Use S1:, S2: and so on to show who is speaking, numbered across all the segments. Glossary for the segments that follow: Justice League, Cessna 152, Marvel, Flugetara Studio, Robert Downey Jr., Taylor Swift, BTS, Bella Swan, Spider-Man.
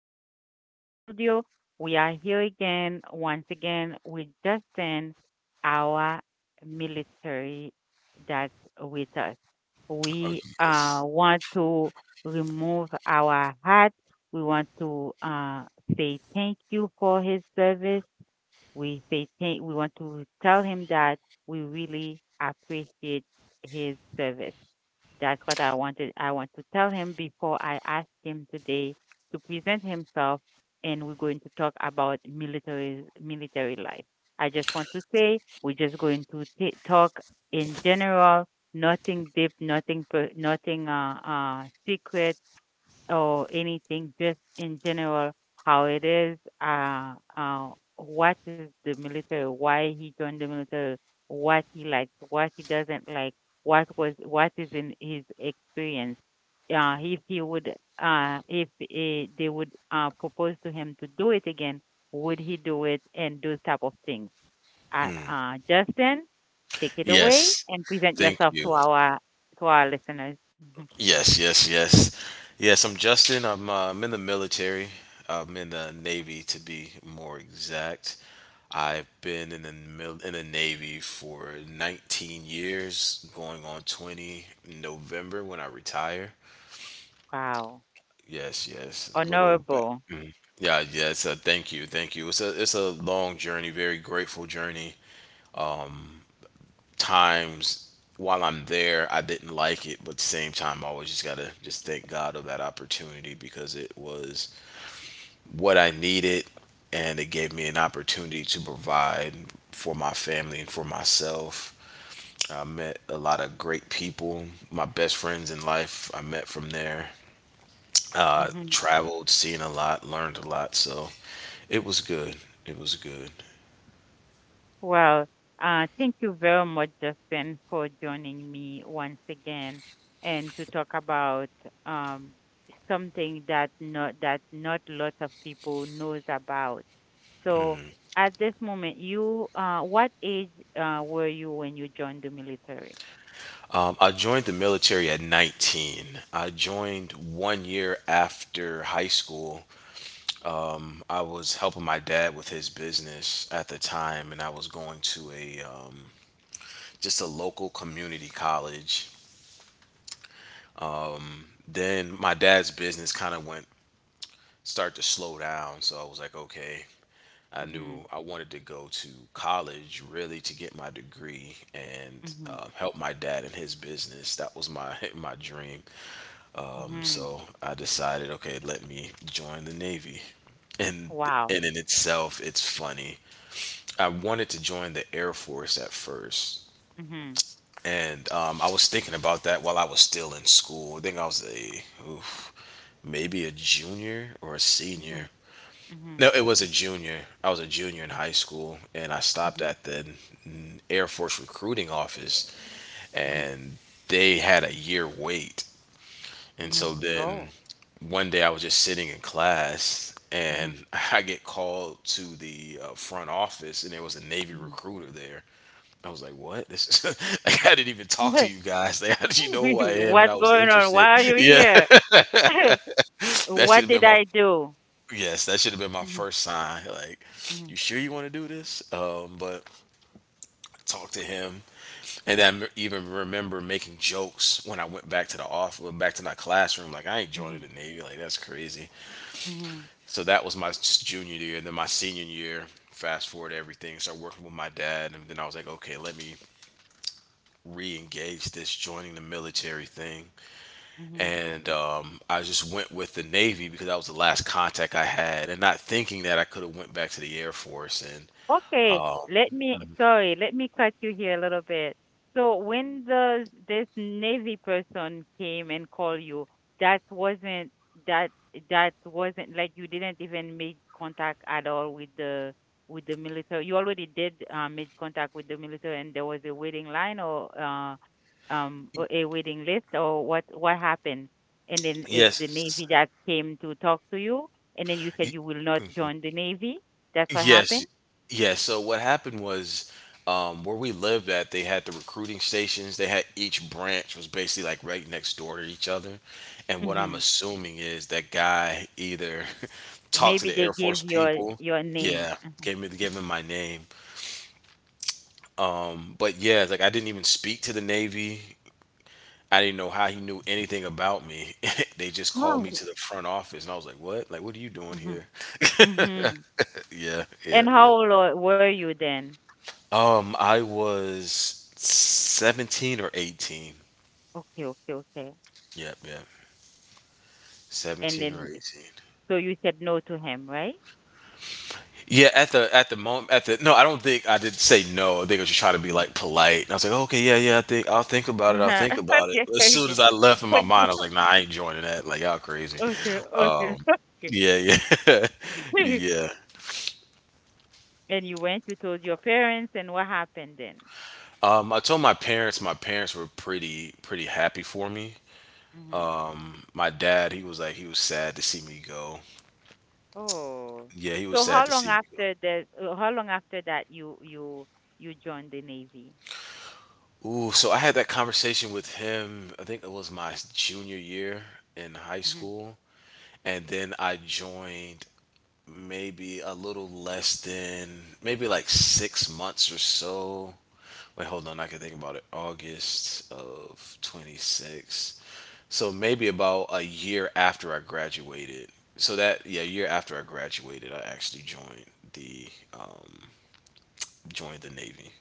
S1: in Flugetara Studio. We are here again, once again, with Justin, our military that's with us. We
S2: Oh yes.
S1: want to remove our hat. We want to say thank you for his service. We say thank. We want to tell him that we really appreciate his service. That's what I wanted. I want to tell him before I ask him today to present himself, and we're going to talk about military life. I just want to say we're just going to talk in general, nothing deep, nothing secret, or anything, just in general, how it is, what is the military, why he joined the military, what he likes, what he doesn't like, what is in his experience. Uh, if he would, if they would propose to him to do it again, would he do it and those type of things.
S2: Mm.
S1: Justin, take it away
S2: Yes.
S1: and present
S2: Thank
S1: yourself
S2: you.
S1: to our listeners.
S2: Yes, yes, yes. Yes, I'm Justin. I'm in the military. I'm in the Navy to be more exact. I've been in the in the Navy for 19 years, going on 20 in November when I retire.
S1: Wow,
S2: Yes, yes. A little back.
S1: honorable.
S2: Yeah, yes. Thank you, thank you. It's a long journey, very grateful journey. Times while I'm there, I didn't like it, but at the same time, I always just gotta just thank God of that opportunity because it was what I needed, and it gave me an opportunity to provide for my family and for myself. I met a lot of great people, my best friends in life. I met from there.
S1: Mhm.
S2: Traveled, seen a lot, learned a lot, so it was good. It was good.
S1: Well, thank you very much, Justin, for joining me once again and to talk about um, something that not lot of people knows about. So, at this moment, you what age were you when you joined the military?
S2: I joined the military at 19. I joined 1 year after high school. I was helping my dad with his business at the time, and I was going to a just a local community college. Then my dad's business kind of went start to slow down, so I was like, okay. I
S1: Mm-hmm.
S2: knew I wanted to go to college really to get my degree and
S1: Mm-hmm.
S2: help my dad in his business. That was my my dream.
S1: Mm-hmm.
S2: So I decided, okay, let me join the Navy. And
S1: Wow.
S2: and in itself, it's funny. I wanted to join the Air Force at first.
S1: Mm-hmm.
S2: And I was thinking about that while I was still in school. I think I was a, oof, maybe a junior or a
S1: Mm-hmm.
S2: senior.
S1: Mm-hmm.
S2: No, it was a junior. I was a junior in high school, and I stopped
S1: Mm-hmm.
S2: at the Air Force recruiting office,
S1: Mm-hmm.
S2: and they had a year wait. And
S1: Mm-hmm.
S2: so then
S1: Oh.
S2: one day I was just sitting in class and
S1: Mm-hmm.
S2: I get called to the front office and there was a Navy
S1: Mm-hmm.
S2: recruiter there. I was like, "What? This is like I didn't even talk to you guys. Like, how did you know who I am?" And
S1: What's
S2: I was
S1: going on?
S2: interested.
S1: Why are you
S2: Yeah,
S1: here?
S2: that should
S1: What
S2: have been
S1: did
S2: my
S1: I do?
S2: yes. That should have been my
S1: Mhm,
S2: first sign. Like,
S1: mhm,
S2: you sure you want to do this? But talk to him, and then I even remember making jokes when I went back to the office, back to my classroom. Like, I ain't joining
S1: mhm,
S2: the Navy. Like, that's crazy.
S1: mhm,
S2: So that was my junior year. Then my senior year, fast forward everything, started working with my dad, and then I was like, okay, let me re-engage this joining the military thing.
S1: mhm.
S2: And I just went with the Navy because that was the last contact I had, and not thinking that I could have went back to the Air Force. And
S1: Okay, let me, sorry, let me cut you here a little bit. So when the this Navy person came and called you, that wasn't that that wasn't like you didn't even make contact at all with the military. You already did make contact with the military, and there was a waiting line or a waiting list or what happened? And then it's the
S2: yes,
S1: Navy that came to talk to you, and then you said you will not join the Navy. That's what happened.
S2: yes. Yes. So what happened was where we lived at, they had the recruiting stations. They had each branch was basically like right next door to each other. And what I'm
S1: Mhm.
S2: assuming is that guy either talked to
S1: Maybe
S2: the
S1: they
S2: Air
S1: give
S2: Force
S1: your
S2: people.
S1: your name.
S2: Yeah,
S1: Mhm.
S2: gave me gave him my name. But yeah, like I didn't even speak to the Navy. I didn't know how he knew anything about me. They just called me
S1: Oh.
S2: to the front office, and I was like, "What? Like, what are you doing
S1: Mhm.
S2: here?"
S1: Mhm.
S2: Yeah, yeah,
S1: And how
S2: yeah.
S1: were you then?
S2: I was 17 or 18.
S1: Okay, okay, okay.
S2: Yep, yep.
S1: And
S2: 17 or
S1: then,
S2: 18.
S1: so you said no to him, right?
S2: Yeah, at the moment at the no, I don't think I did say no. I think I was just trying to be
S1: Mhm.
S2: like polite. And I was like, okay, yeah, yeah, I think I'll think about it. I'll
S1: Uh-huh.
S2: think about it.
S1: Okay,
S2: As soon
S1: okay,
S2: as I left in my mind, I was like, nah, I ain't joining that. Like y'all crazy.
S1: okay, okay, okay,
S2: Um,
S1: okay.
S2: yeah, yeah, yeah.
S1: And you went, you told your parents, and what happened then?
S2: I told my parents. My parents were pretty happy for me.
S1: Hmm.
S2: My dad, he was like, he was sad to see me go.
S1: Oh,
S2: Yeah, he was
S1: so
S2: sad
S1: how
S2: to
S1: long
S2: see me
S1: after how long after that you joined the Navy?
S2: ooh, so I had that conversation with him. I think it was my junior year in high
S1: Mm-hmm.
S2: school, and then I joined maybe a little less than maybe like 6 months or so. Wait, hold on. I can think about it. August of twenty six. So maybe about a year after I graduated. So that yeah, a year after I graduated, I actually the um, joined the Navy.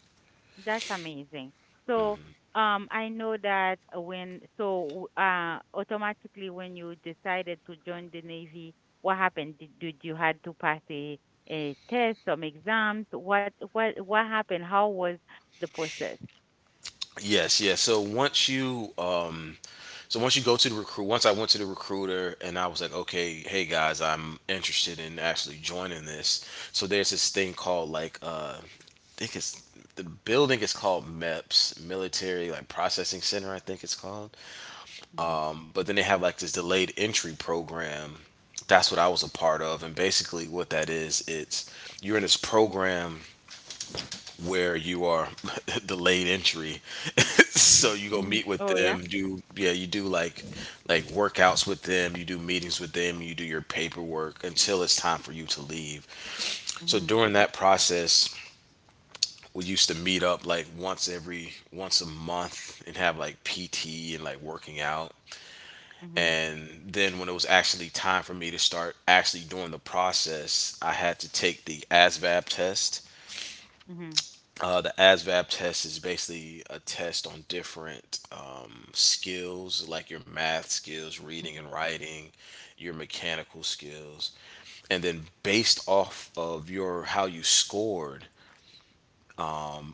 S1: That's amazing. So, I know that when, so, automatically when you decided to join the Navy, what happened? Did you had to pass a test, some exams? What happened? How was the process?
S2: Yes, yes. So once you go to the recruit once I went to the recruiter and I was like, "Okay, hey guys, I'm interested in actually joining this." So there's this thing called like I think it's the building is called MEPS, Military like Processing Center, I think it's called.
S1: Mm-hmm,
S2: But then they have like this delayed entry program. That's what I was a part of and basically what that is, it's you're in this program where you are delayed entry. So you go meet
S1: hmm.
S2: with
S1: Oh,
S2: them,
S1: yeah.
S2: do yeah, you do like workouts with them, you do meetings with them, you do your paperwork until it's time for you to leave. So
S1: Mm-hmm,
S2: during that process, we used to meet up like once a month and have like PT and like working out.
S1: hmm,
S2: And then when it was actually time for me to start actually doing the process, I had to take the ASVAB test.
S1: hmm,
S2: The ASVAB test is basically a test on different skills, like your math skills, reading and
S1: hmm.
S2: writing, your mechanical skills, and then based off of your how you scored,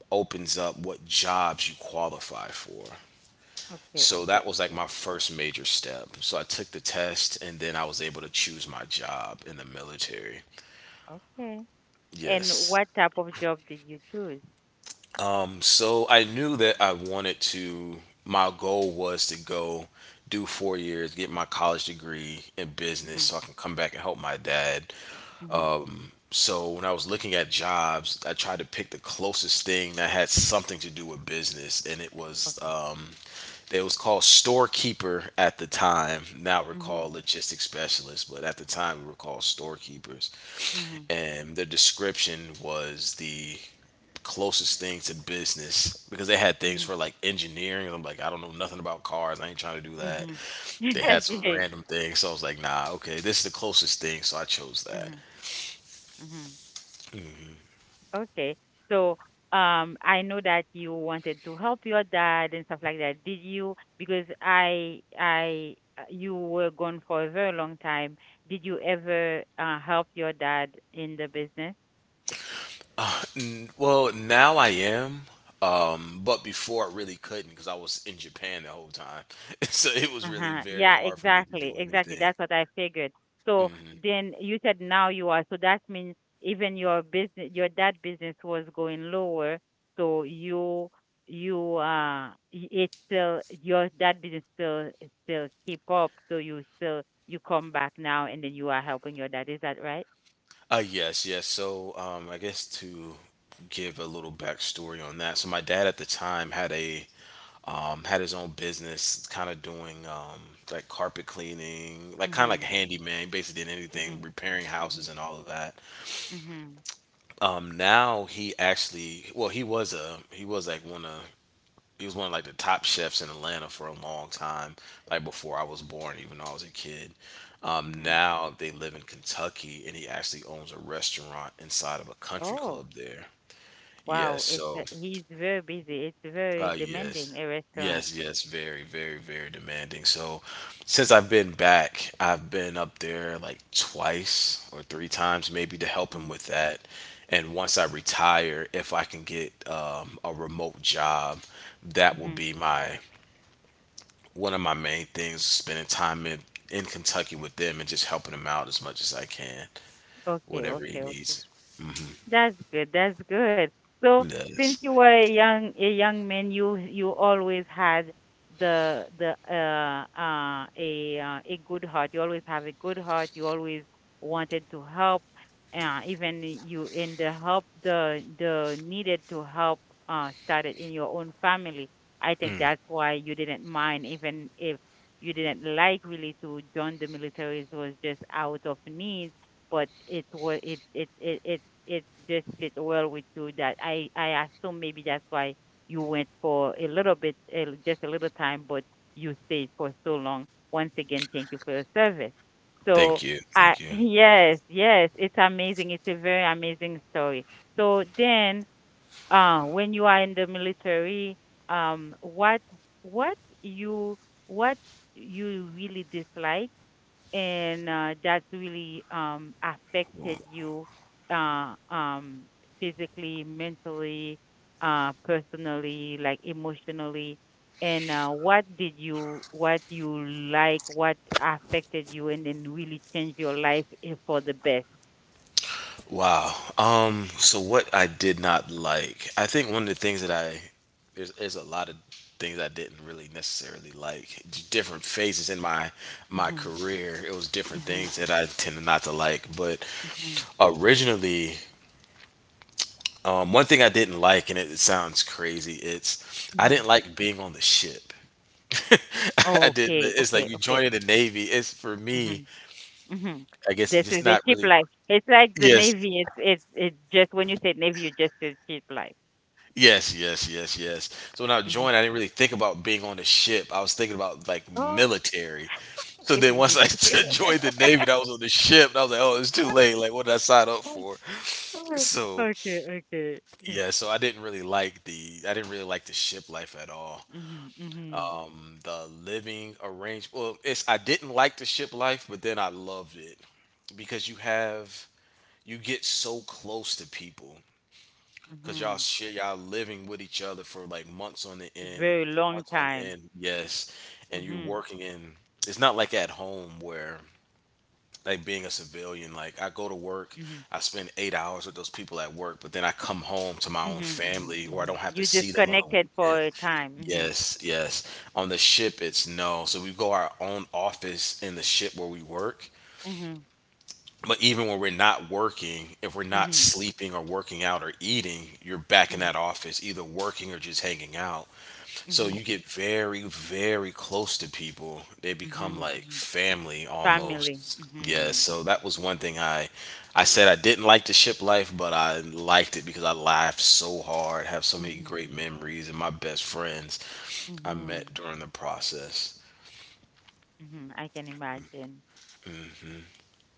S2: opens up what jobs you qualify for.
S1: Okay,
S2: So
S1: okay,
S2: that was like
S1: okay,
S2: my first major step. So I took the test, and then I was able to choose my job in the military.
S1: okay. And
S2: Yes.
S1: what type of job did you choose?
S2: So I knew that I wanted to, my goal was to go do 4 years, get my college degree in business
S1: Mm-hmm,
S2: so I can come back and help my dad.
S1: hmm.
S2: So when I was looking at jobs, I tried to pick the closest thing that had something to do with business. And
S1: Okay.
S2: it was called storekeeper at the time. Now we're called
S1: Mm-hmm,
S2: logistics specialists, but at the time we were called storekeepers.
S1: hmm,
S2: And the description was the closest thing to business because they had things
S1: hmm.
S2: for like engineering. I'm like, I don't know nothing about cars. I ain't trying to do that.
S1: Mhm.
S2: They had some
S1: Okay.
S2: random things. So I was like, nah, okay, this is the closest thing. So I chose that.
S1: Mhm. Mhm. Okay. So, I know that you wanted to help your dad and stuff like that. Did you? Because you were gone for a very long time. Did you ever help your dad in the business?
S2: Well, now I am. But before I really couldn't because I was in Japan the whole time. So it was really
S1: Uh-huh.
S2: very
S1: Yeah,
S2: hard for me to
S1: exactly.
S2: do
S1: Exactly.
S2: anything.
S1: That's what I figured. So then you said now you are. So that means even your business, your that business was going lower. So it's still your that business still keep up. So you still you come back now and then you are helping your dad. Is that right?
S2: Yes, yes. So, I guess to give a little backstory on that. So, my dad at the time had a had his own business, kind of doing like carpet cleaning, like kind of like
S1: Mhm.
S2: handyman. He basically did anything,
S1: Mhm.
S2: repairing houses
S1: Mhm.
S2: and all of that.
S1: Mhm.
S2: Now he actually, well, he was a he was like one of he was one of like the top chefs in Atlanta for a long time, like before I was born, even though I was a kid.
S1: Mhm.
S2: Now they live in Kentucky, and he actually owns a restaurant inside of a country
S1: Oh,
S2: club there. Yes,
S1: wow. It's
S2: so
S1: he's very busy. It's very
S2: Yes,
S1: demanding a restaurant.
S2: yes, yes. Very, very, very demanding. So, since I've been back, I've been up there like twice or three times, maybe to help him
S1: Mhm.
S2: with that. And once I retire, if I can get a remote job, that will
S1: Mhm.
S2: be my one of my main things. Spending time in Kentucky with them and just helping him out as much as I can,
S1: Okay.
S2: whatever he
S1: Okay. Okay.
S2: needs.
S1: That's good. That's good. So
S2: Yes.
S1: since you were a young man, you always had the a good heart. You always have a good heart. You always wanted to help. Even you in the help the needed to help started in your own family. I think
S2: Mm.
S1: that's why you didn't mind even if you didn't like really to join the military. It was just out of need, but it was it it it, it it just fit well with you that I assume maybe that's why you went for a little bit, just a little time, but you stayed for so long. Once again, thank you for your service.
S2: Thank
S1: So
S2: you.
S1: I
S2: Thank you.
S1: yes, yes, it's amazing. It's a very amazing story. So then, when you are in the military, um, what what you what you really dislike, and that really affected you uh, um, physically, mentally, personally, like emotionally. And what did you, what you like, what affected you, and then really changed your life for the best?
S2: Wow. So what I did not like, I think one of the things that I there's a lot of things I didn't really necessarily like. Different phases in my my
S1: Hmm.
S2: career, it was different
S1: Hmm.
S2: things that I tended not to like. But
S1: Hmm.
S2: originally, one thing I didn't like, and it sounds crazy, it's I
S1: Hmm.
S2: didn't like being on the ship. I didn't.
S1: Okay,
S2: It's
S1: okay,
S2: like you
S1: okay.
S2: joining the navy. It's for me,
S1: Hmm. Hmm.
S2: I guess,
S1: This
S2: just
S1: is a
S2: not
S1: cheap
S2: really.
S1: life. It's like the
S2: Yes,
S1: Navy. It's just when you say Navy, you just say cheap life.
S2: yes, yes, yes, yes. So when I
S1: Hmm.
S2: joined, I didn't really think about being on the ship. I was thinking about like military. So then once I joined the Navy, and I was on the ship, and I was like, oh, it's too late. Like, what did I sign up for? So
S1: Okay, okay.
S2: yeah, so I didn't really like the I didn't really like the ship life at all.
S1: Mm-hmm, mm-hmm,
S2: The living arrangement. Well, it's I didn't like the ship life, but then I loved it because you get so close to people cause
S1: mm-hmm.
S2: y'all share y'all living with each other for like months on the end,
S1: Very long
S2: months on
S1: time.
S2: end, yes. And you're
S1: Mm-hmm,
S2: working in. It's not like at home where like being a civilian. Like I go to work,
S1: mm-hmm,
S2: I spend 8 hours with those people at work, but then I come home to my
S1: mm-hmm,
S2: own
S1: mm-hmm,
S2: family, or I
S1: mm-hmm.
S2: don't have to
S1: You
S2: see them on the
S1: disconnected for
S2: weekend.
S1: a time. Mm-hmm,
S2: Yes, yes. On the ship, it's no. So we go our own office in the ship where we work,
S1: mm-hmm,
S2: but even when we're not working, if we're not
S1: mm-hmm,
S2: sleeping or working out or eating, you're back in
S1: mm-hmm,
S2: that office, either working or just hanging out. So
S1: mm-hmm,
S2: you get very, very close to people. They become
S1: mm-hmm,
S2: like
S1: mm-hmm.
S2: family
S1: Family.
S2: almost. Yeah.
S1: Mm-hmm,
S2: So that was one thing I said I didn't like the ship life, but I liked it because I laughed so hard, have so many
S1: mm-hmm,
S2: great
S1: mm-hmm,
S2: memories, and my best friends I
S1: mm-hmm.
S2: met during the process.
S1: Mm-hmm. I can imagine.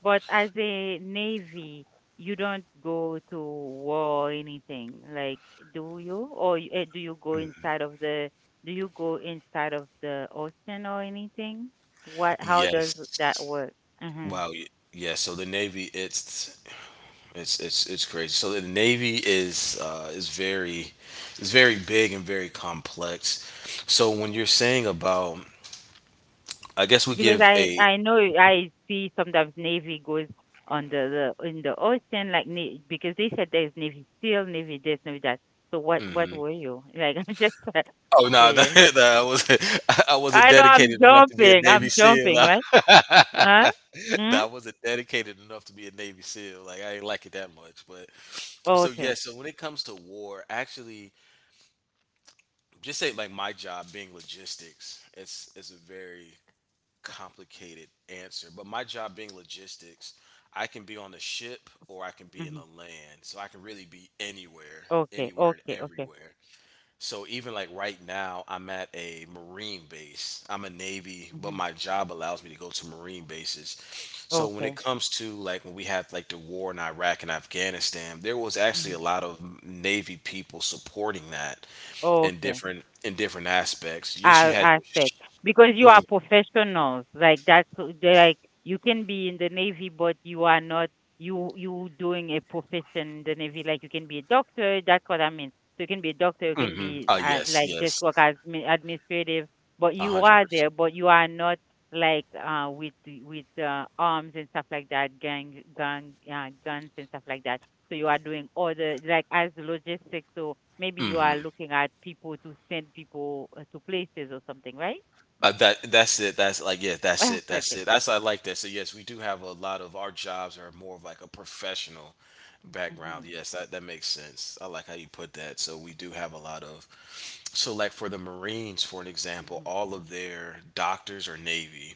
S1: But as a Navy, you don't go to war or anything, like, do you? Or do you go inside of the ocean or anything? What, how does
S2: Yes.
S1: that work? Mhm.
S2: Wow. Yeah. So the Navy, it's it's crazy. So the Navy is very big and very complex. So when you're saying about, I guess we
S1: Because
S2: give
S1: I
S2: a.
S1: I know I see sometimes Navy goes on the in the ocean like because they said there's Navy SEAL, Navy this, Navy that. So what
S2: hmm
S1: were you? Like I'm just
S2: Oh no,
S1: curious.
S2: no, I was I wasn't
S1: I know I'm
S2: dedicated enough to be a
S1: jumping.
S2: Navy
S1: I'm
S2: SEAL.
S1: jumping,
S2: No.
S1: right? Ah? Hmm?
S2: No, I wasn't dedicated enough to be a Navy SEAL. Like I didn't like it that much, but so yeah.
S1: Okay.
S2: So when it comes to war, actually, just say like my job being logistics, it's a very complicated answer, but my job being logistics, I can be on the ship or I can be in the
S1: Mhm.
S2: land. So I can really be anywhere,
S1: Okay.
S2: anywhere and
S1: Okay. Okay.
S2: everywhere. So even like right now, I'm at a Marine base. I'm a Navy, but
S1: Mhm.
S2: my job allows me to go to Marine bases. So when it
S1: Okay.
S2: comes to like when we had like the war in Iraq and Afghanistan, there was actually a
S1: Mhm.
S2: lot of Navy people supporting that
S1: Okay.
S2: in different aspects. Yes, you had your
S1: Aspect, because you are professionals, like that's they're like you can be in the Navy but you are not you doing a profession in the Navy, like you can be a doctor, that's what I mean. So you can be a doctor, you can
S2: Mhm.
S1: be
S2: Oh yes,
S1: like just
S2: yes.
S1: work as administrative, but
S2: A
S1: you
S2: hundred
S1: are
S2: percent.
S1: there but you are not like with arms and stuff like that, gang gang guns and stuff like that. So you are doing all the like as the logistics. So maybe you are looking at people to send people to places or something, right?
S2: That that's it. That's like yeah. That's it. That's
S1: Okay.
S2: it. That's I like that. So yes, we do have a lot of our jobs are more of like a professional background.
S1: Mhm.
S2: Yes, that that makes sense. I like how you put that. So we do have a lot of. So like for the Marines, for an example,
S1: Mhm.
S2: all of their doctors are Navy,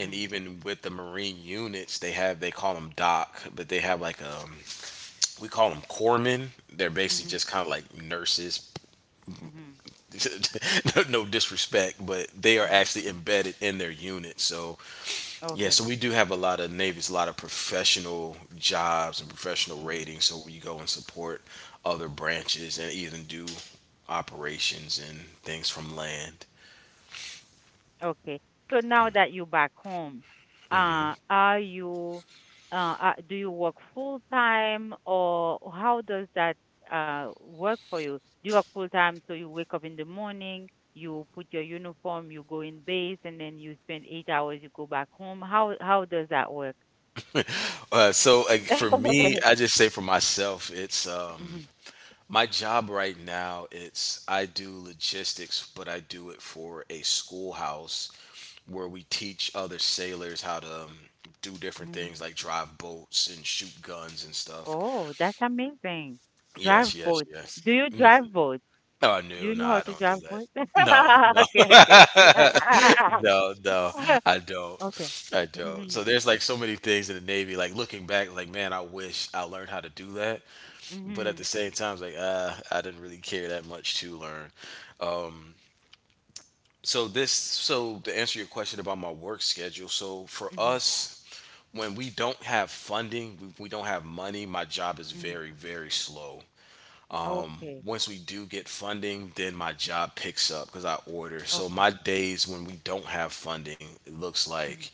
S2: and even with the Marine units, they have they call them doc, but they have like we call them corpsmen. They're basically
S1: Mhm.
S2: just kind of like nurses,
S1: Mhm.
S2: no, no disrespect, but they are
S1: Mhm.
S2: actually embedded in their unit. So yeah,
S1: Okay.
S2: so we do have a lot of navies, a lot of professional jobs and professional
S1: Mhm.
S2: ratings. So we go and support other branches and even do operations and things from land.
S1: Okay. So now that you're back home, uh, are you, do you work full time or how does that work for you? Do you work full time so you wake up in the morning, you put your uniform, you go in base, and then you spend 8 hours, you go back home. How does that work?
S2: So like for me, I just say for myself, it's
S1: Mhm.
S2: my job right now. It's I do logistics, but I do it for a schoolhouse where we teach other sailors how to do different things
S1: Mm.
S2: like drive boats and shoot guns and stuff.
S1: Oh, that's amazing.
S2: Yes,
S1: Drive
S2: yes,
S1: boat.
S2: yes.
S1: Do you
S2: hmm
S1: drive boat?
S2: Oh,
S1: Do
S2: no,
S1: you
S2: no,
S1: know how
S2: I
S1: to
S2: don't do
S1: drive
S2: that.
S1: boat?
S2: No, no,
S1: Okay, okay, okay.
S2: no, no, I don't.
S1: Okay.
S2: I don't. So
S1: Mhm.
S2: there's like so many things in the Navy. Like looking back, like man, I wish I learned how to do that. But at the
S1: Mhm.
S2: same time, it's like I didn't really care that much to learn. So this, so to answer your question about my work schedule, so for
S1: Mhm.
S2: us, when we don't have funding, we don't have money, my job is
S1: Mhm.
S2: very, very slow.
S1: Okay.
S2: Once we do get funding, then my job picks up because I order. So
S1: Okay.
S2: my days when we don't have funding, it looks
S1: Mhm.
S2: like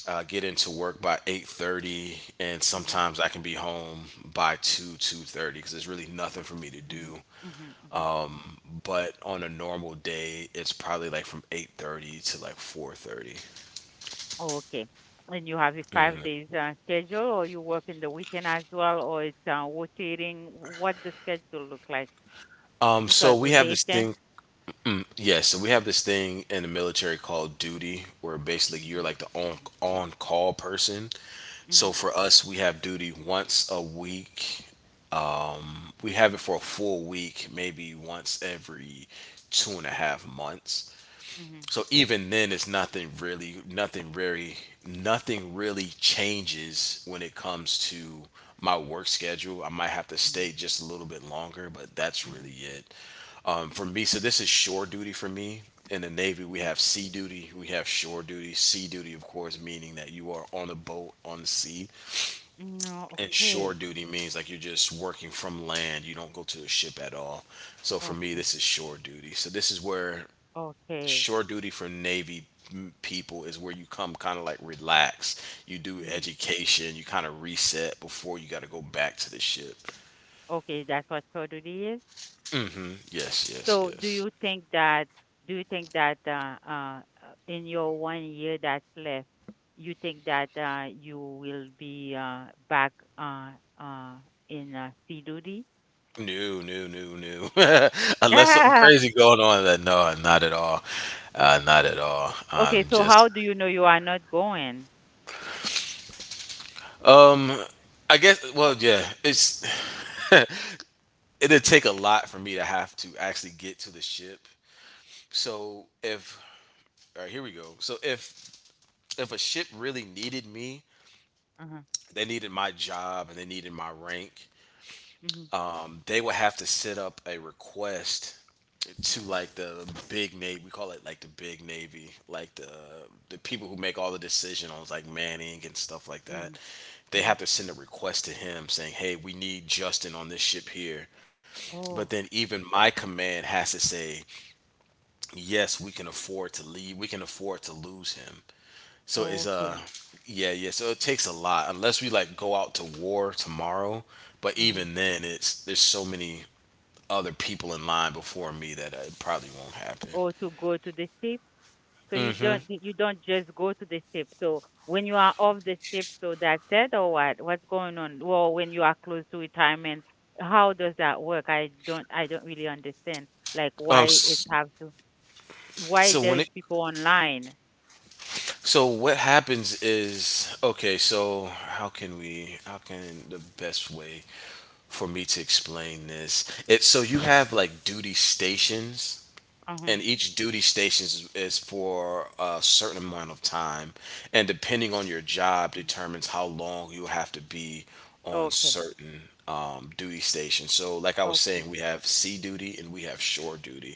S2: get into work by 8:30 and
S1: Mhm.
S2: sometimes I can be home by 2, 2:30 because there's really nothing for me to
S1: Mhm.
S2: do.
S1: Mhm. Mhm.
S2: But on a normal day, it's probably like from 8:30 to like 4:30.
S1: Okay. And you have a 5 days schedule, or you work in the weekend as well, or it's rotating. What the schedule look like? You got
S2: So we have this
S1: rotation.
S2: thing Yeah, so we have this thing in the military called duty, where basically you're
S1: Mhm.
S2: like the
S1: Mhm.
S2: on call person. So
S1: Mhm.
S2: for us, we have duty once a week. We have it for a full week, maybe once every two and a half months.
S1: Mhm.
S2: So even then, it's nothing really, nothing very, nothing really changes when it comes to my work schedule. I might have to
S1: Mhm.
S2: stay just a little bit longer, but that's
S1: Mhm.
S2: really it. For me, so this is shore duty for me. In the Navy, we
S1: Mhm.
S2: have sea duty, we have shore duty. Sea duty, of course, meaning that you are on a boat on the sea,
S1: No.
S2: and shore
S1: Okay.
S2: duty means like you're just working from land. You don't go to the ship at all. So for me,
S1: Okay.
S2: this is shore duty. So this is where
S1: Okay.
S2: shore duty for Navy people is where you come kind of like relax. You do
S1: Mhm.
S2: education, you kind of reset before you got to go back to the ship.
S1: Okay. That's what surgery is.
S2: Yes, yes,
S1: So do
S2: yes.
S1: you think that do you think that uh, uh, uh, in your one year that's left, you think that you will be back uh, uh, in sea duty?
S2: No, no, no, no. Unless something
S1: Yeah.
S2: crazy going on, then no, not at all. Not at all. I'm
S1: Okay. So
S2: just,
S1: how do you know you are not going?
S2: um, I guess. Well, yeah, it's it'd take a lot for me to have to actually get to the ship. So if, all right, here we go. So if a ship really needed me,
S1: Uh-huh.
S2: they needed my job and they needed my rank.
S1: Hmm.
S2: They would have to set up a request to like the big navy. We call it like the big navy, like the people who make all the decisions, like Manning and stuff like
S1: Hmm.
S2: that. They
S1: Hmm.
S2: have to send a request to him saying, "Hey, we need Justin on this ship here." But
S1: Oh.
S2: then even my command has to say, "Yes, we can afford to leave. We can afford to lose him." So it's
S1: Oh, okay.
S2: yeah, yeah. So it takes a lot unless we like go out to war tomorrow. But
S1: Hmm.
S2: even then, it's there's so many other people in line before me that it probably won't happen.
S1: Oh, to go to the ship. So you don't just go to the ship. So when you are off the ship, so that's it or what? What's going on? Well, when you are close to retirement, how does that work? I don't really understand. Like why it
S2: S-
S1: have to why
S2: So
S1: there
S2: when it
S1: is people online.
S2: So what happens is okay. So how can we? How can the best way for me to explain this? It's so you have like duty stations, and
S1: Uh-huh.
S2: each duty station is for a certain amount of time, and depending on your job
S1: Mhm.
S2: determines how long you have to be on
S1: Okay.
S2: certain duty stations. So, like I was
S1: Okay.
S2: saying, we have sea duty and we have shore duty.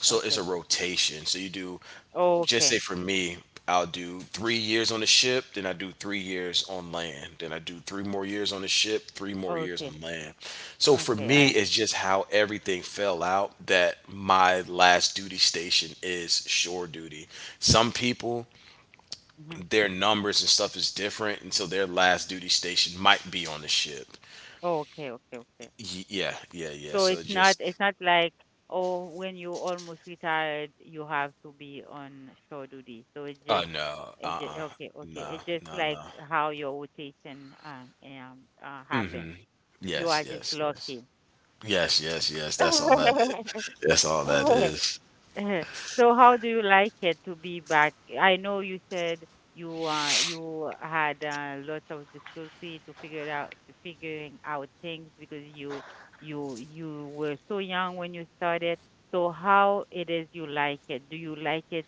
S2: So it's a
S1: Okay.
S2: rotation. So you do just say
S1: Okay.
S2: for me, I'll do 3 years on the ship, then I do 3 years on land, then I do 3 more years on the ship, 3 more years
S1: Okay.
S2: on land. So for
S1: Okay.
S2: me,
S1: I understand.
S2: it's just how everything fell out that my last duty station is shore duty. Some people,
S1: Hmm.
S2: their numbers and stuff is different, and so their last duty station might be on the ship.
S1: Okay. Okay. Okay.
S2: Yeah, yeah, yeah.
S1: So
S2: So just,
S1: it's not like oh when you almost retired you have to be on shore duty. So
S2: uh, no,
S1: it just
S2: uh,
S1: okay okay
S2: no,
S1: it's just
S2: no,
S1: like
S2: no.
S1: how your rotation happened. You
S2: Yes,
S1: are just
S2: yes, yes.
S1: lucky.
S2: Yes, yes, yes. That's all that is. That's all that is.
S1: So how do you like it to be back? I know you said you had lots of difficulty to figure it out to figuring out things because you were so young when you started. So how it is you like it? Do you like it?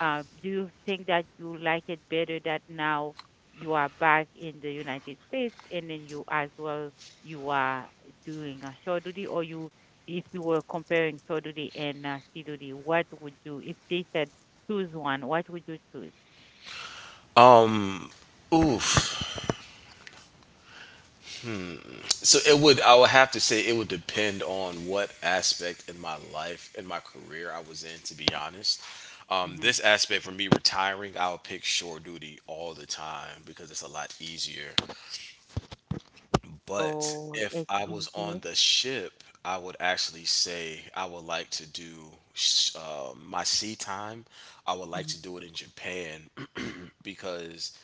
S1: Do you think that you like it better that now you are back in the United States and then you as well you are doing a show duty or you if you were comparing Toduri and Siduri, what would you, if they said choose one, what would you choose?
S2: Oof. So it would I would have to say it would depend on what aspect in my life in my career I was in to be honest.
S1: Hmm.
S2: This aspect for me retiring, I'll pick shore duty all the time because it's a lot easier. But
S1: Oh,
S2: if
S1: it's
S2: I was
S1: easier.
S2: on the ship, I would actually say I would like to do my sea time. I would
S1: Mm-hmm.
S2: like to do it in Japan because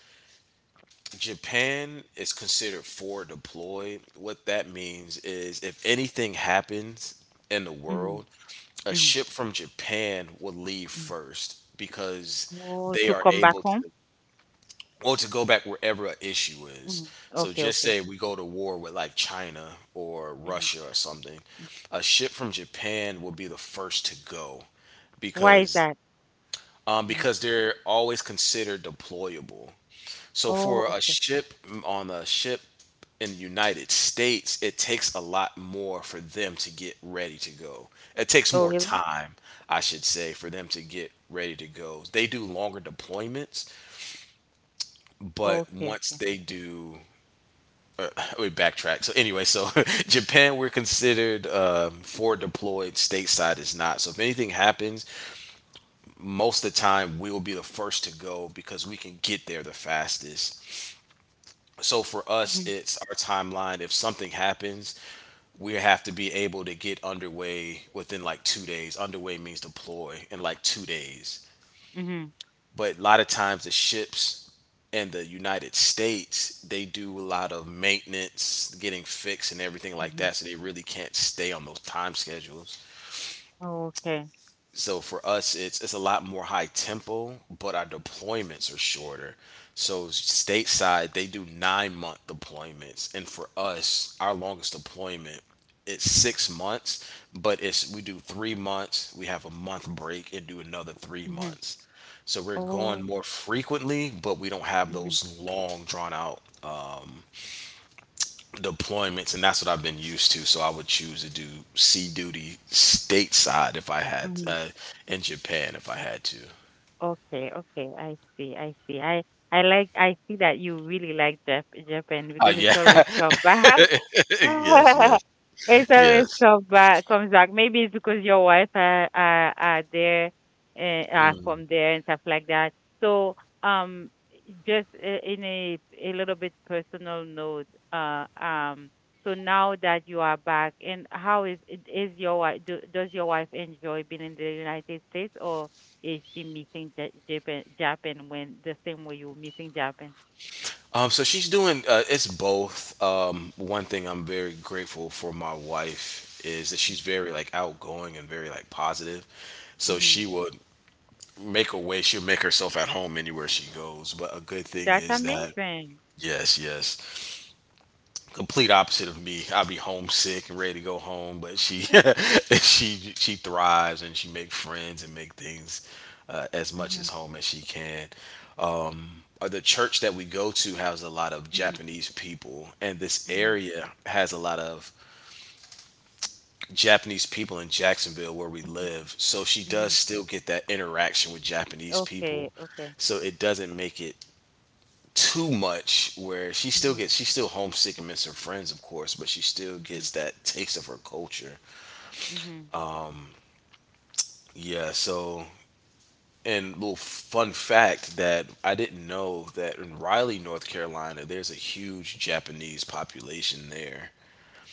S2: Japan is considered forward deployed. What that means is if anything happens in the
S1: Mm-hmm.
S2: world, a ship from Japan will leave
S1: Mm-hmm.
S2: first because
S1: Oh,
S2: they
S1: to
S2: are
S1: come back
S2: able
S1: home?
S2: to or to go back wherever an issue
S1: Hmm.
S2: is. So
S1: Okay,
S2: just
S1: okay.
S2: say we go to war with like China or Russia or
S1: Mm-hmm.
S2: something,
S1: Mm.
S2: a ship from Japan will be the first to go
S1: Why is
S2: because
S1: that? Hmm.
S2: because they're always considered deployable. So
S1: Oh,
S2: for a
S1: okay.
S2: ship on a ship in the United States, it takes a lot more for them to get ready to go. It takes
S1: Oh,
S2: more
S1: really?
S2: time, I should say, for them to get ready to go. They do longer deployments, but
S1: Okay,
S2: once
S1: okay.
S2: they do, we backtrack. So anyway, so Japan we're considered for deployed, stateside is not. So if anything happens, most of the time we will be the first to go because we can get there the fastest. So for us,
S1: Mm-hmm.
S2: it's our timeline. If something happens, we have to be able to get underway within like 2 days. Underway means deploy in like 2 days.
S1: Mm-hmm.
S2: But a lot of times the ships in the United States, they do a lot of maintenance, getting fixed and everything like
S1: Mm-hmm.
S2: that, so they really can't stay on those time schedules.
S1: Okay.
S2: So for us, it's a lot more high tempo, but our deployments are shorter. So stateside they do 9 month deployments, and for us our longest deployment, it's 6 months. But it's, we do 3 months, we have a month break, and do another three
S1: Mm-hmm.
S2: months So we're
S1: Oh.
S2: going more frequently, but we don't have
S1: Mm-hmm.
S2: those long, drawn out deployments, and that's what I've been used to. So I would choose to do sea duty stateside if I had
S1: Mm-hmm.
S2: in Japan if I had to.
S1: Okay, okay, I see, I see. I I see that you really like Japan
S2: Oh
S1: because it's
S2: yeah,
S1: always come back.
S2: yes, yes,
S1: It
S2: yes.
S1: always come back, comes back. Maybe it's because your wife are there and are from there and stuff like that. So um, just in a little bit personal note, uh um, so now that you are back, and how is your wife? Does your wife enjoy being in the United States, or is she missing Japan? Japan when the same way you're missing Japan?
S2: So she's doing. It's both. One thing I'm very grateful for my wife is that she's very like outgoing and very like positive. So
S1: Hmm.
S2: she would make a way. She'll make herself at home anywhere she goes. But a good thing
S1: That's
S2: is that
S1: amazing.
S2: yes, yes. Complete opposite of me. I'd be homesick and ready to go home, but she she thrives and she make friends and make things as much as home as she can. The church that we go to has a lot of
S1: Mhm,
S2: Japanese people, and this
S1: mhm,
S2: area has a lot of Japanese people in Jacksonville where we
S1: mhm,
S2: live. So she does
S1: mhm.
S2: still get that interaction with Japanese
S1: Okay,
S2: people.
S1: okay.
S2: So it doesn't make it too much where
S1: Mhm,
S2: she's still homesick and miss her friends, of course, but she still
S1: mhm,
S2: gets that taste of her culture.
S1: mhm.
S2: Yeah, so, and little fun fact that I didn't know, that in Raleigh, North Carolina, there's a huge Japanese population there.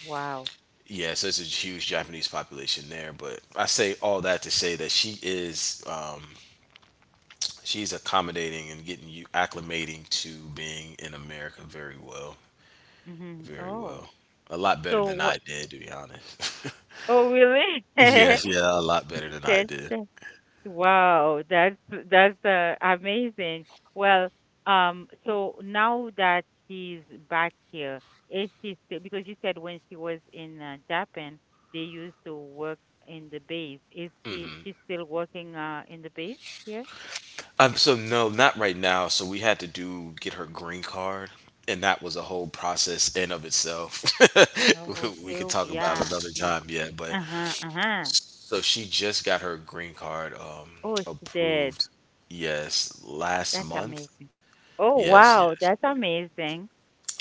S1: Wow.
S2: Yeah, so it's a huge Japanese population there, but I say all that to say that she is she's accommodating and getting you acclimating to being in America very well,
S1: Mhm.
S2: very
S1: Oh,
S2: well, a lot better
S1: so
S2: than I
S1: what?
S2: did, to be honest.
S1: Oh, really?
S2: Yes, yeah, a lot better than I
S1: That's
S2: did.
S1: the- wow. That's amazing. Well, so now that she's back here, is she still, because you said when she was in Japan, they used to work in the base. Is she She's still working in the base here?
S2: So no, not right now. So we had to do get her green card, and that was a whole process in of itself.
S1: Oh,
S2: We
S1: okay,
S2: could
S1: okay,
S2: talk about
S1: yeah.
S2: another time, yeah. But
S1: Uh-huh, uh-huh.
S2: so she just got her green card, um,
S1: Oh, she did.
S2: approved, yes, last
S1: That's
S2: month.
S1: amazing. Oh,
S2: Yes,
S1: wow,
S2: yes.
S1: that's amazing.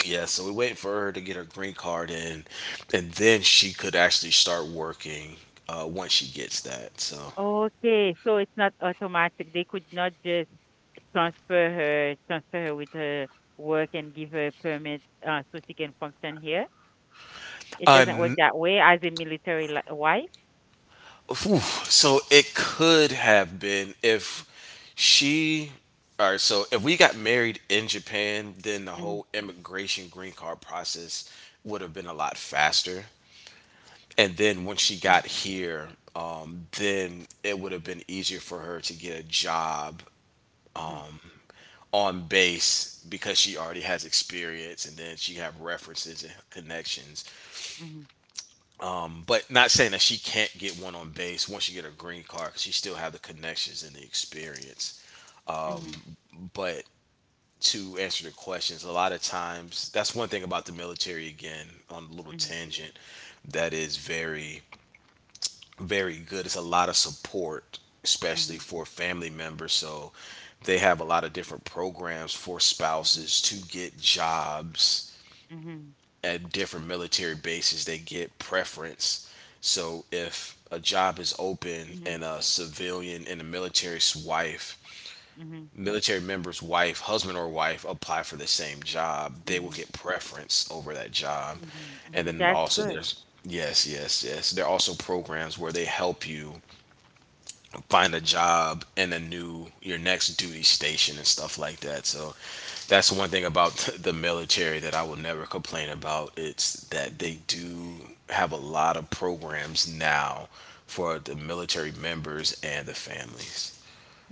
S2: Yeah, so we waited for her to get her green card in, and then she could actually start working once she gets that. So,
S1: Okay, so it's not automatic. They could not just transfer transfer her with her work and give her a permit so she can function here. It
S2: uh,
S1: doesn't work that way as a military li wife.
S2: whew. So it could have been if she. All right, so if we got married in Japan, then the
S1: Mm-hmm,
S2: whole immigration green card process would have been a lot faster. And then when she
S1: mm-hmm,
S2: got here, then it would have been easier for her to get a job on base because she already has experience, and then she have references and connections.
S1: mm-hmm,
S2: But not saying that she can't get one on base once you get her green card, because she still have the connections and the experience.
S1: mm-hmm,
S2: But to answer the questions, a lot of times, that's one thing about the military. Again, on a little
S1: mm-hmm,
S2: tangent, that is very, very good. It's a lot of support, especially
S1: mm-hmm,
S2: for family members. So they have a lot of different programs for
S1: mm-hmm,
S2: spouses to get jobs
S1: mm-hmm,
S2: at different military bases. They get preference. So if a job is open
S1: mm-hmm,
S2: and a civilian and a
S1: mm-hmm,
S2: military member's wife, husband or wife apply for the same job, they
S1: mm-hmm,
S2: will
S1: mm-hmm.
S2: get preference over that job. And
S1: Mm-hmm.
S2: then
S1: That's
S2: also
S1: good.
S2: there's, yes, yes, yes. There are also programs where they help you find a job in a new your next duty station and stuff like that. So that's one thing about the military that I will never complain about. It's that they
S1: Mm-hmm.
S2: do have a lot of programs now for the military members and the families.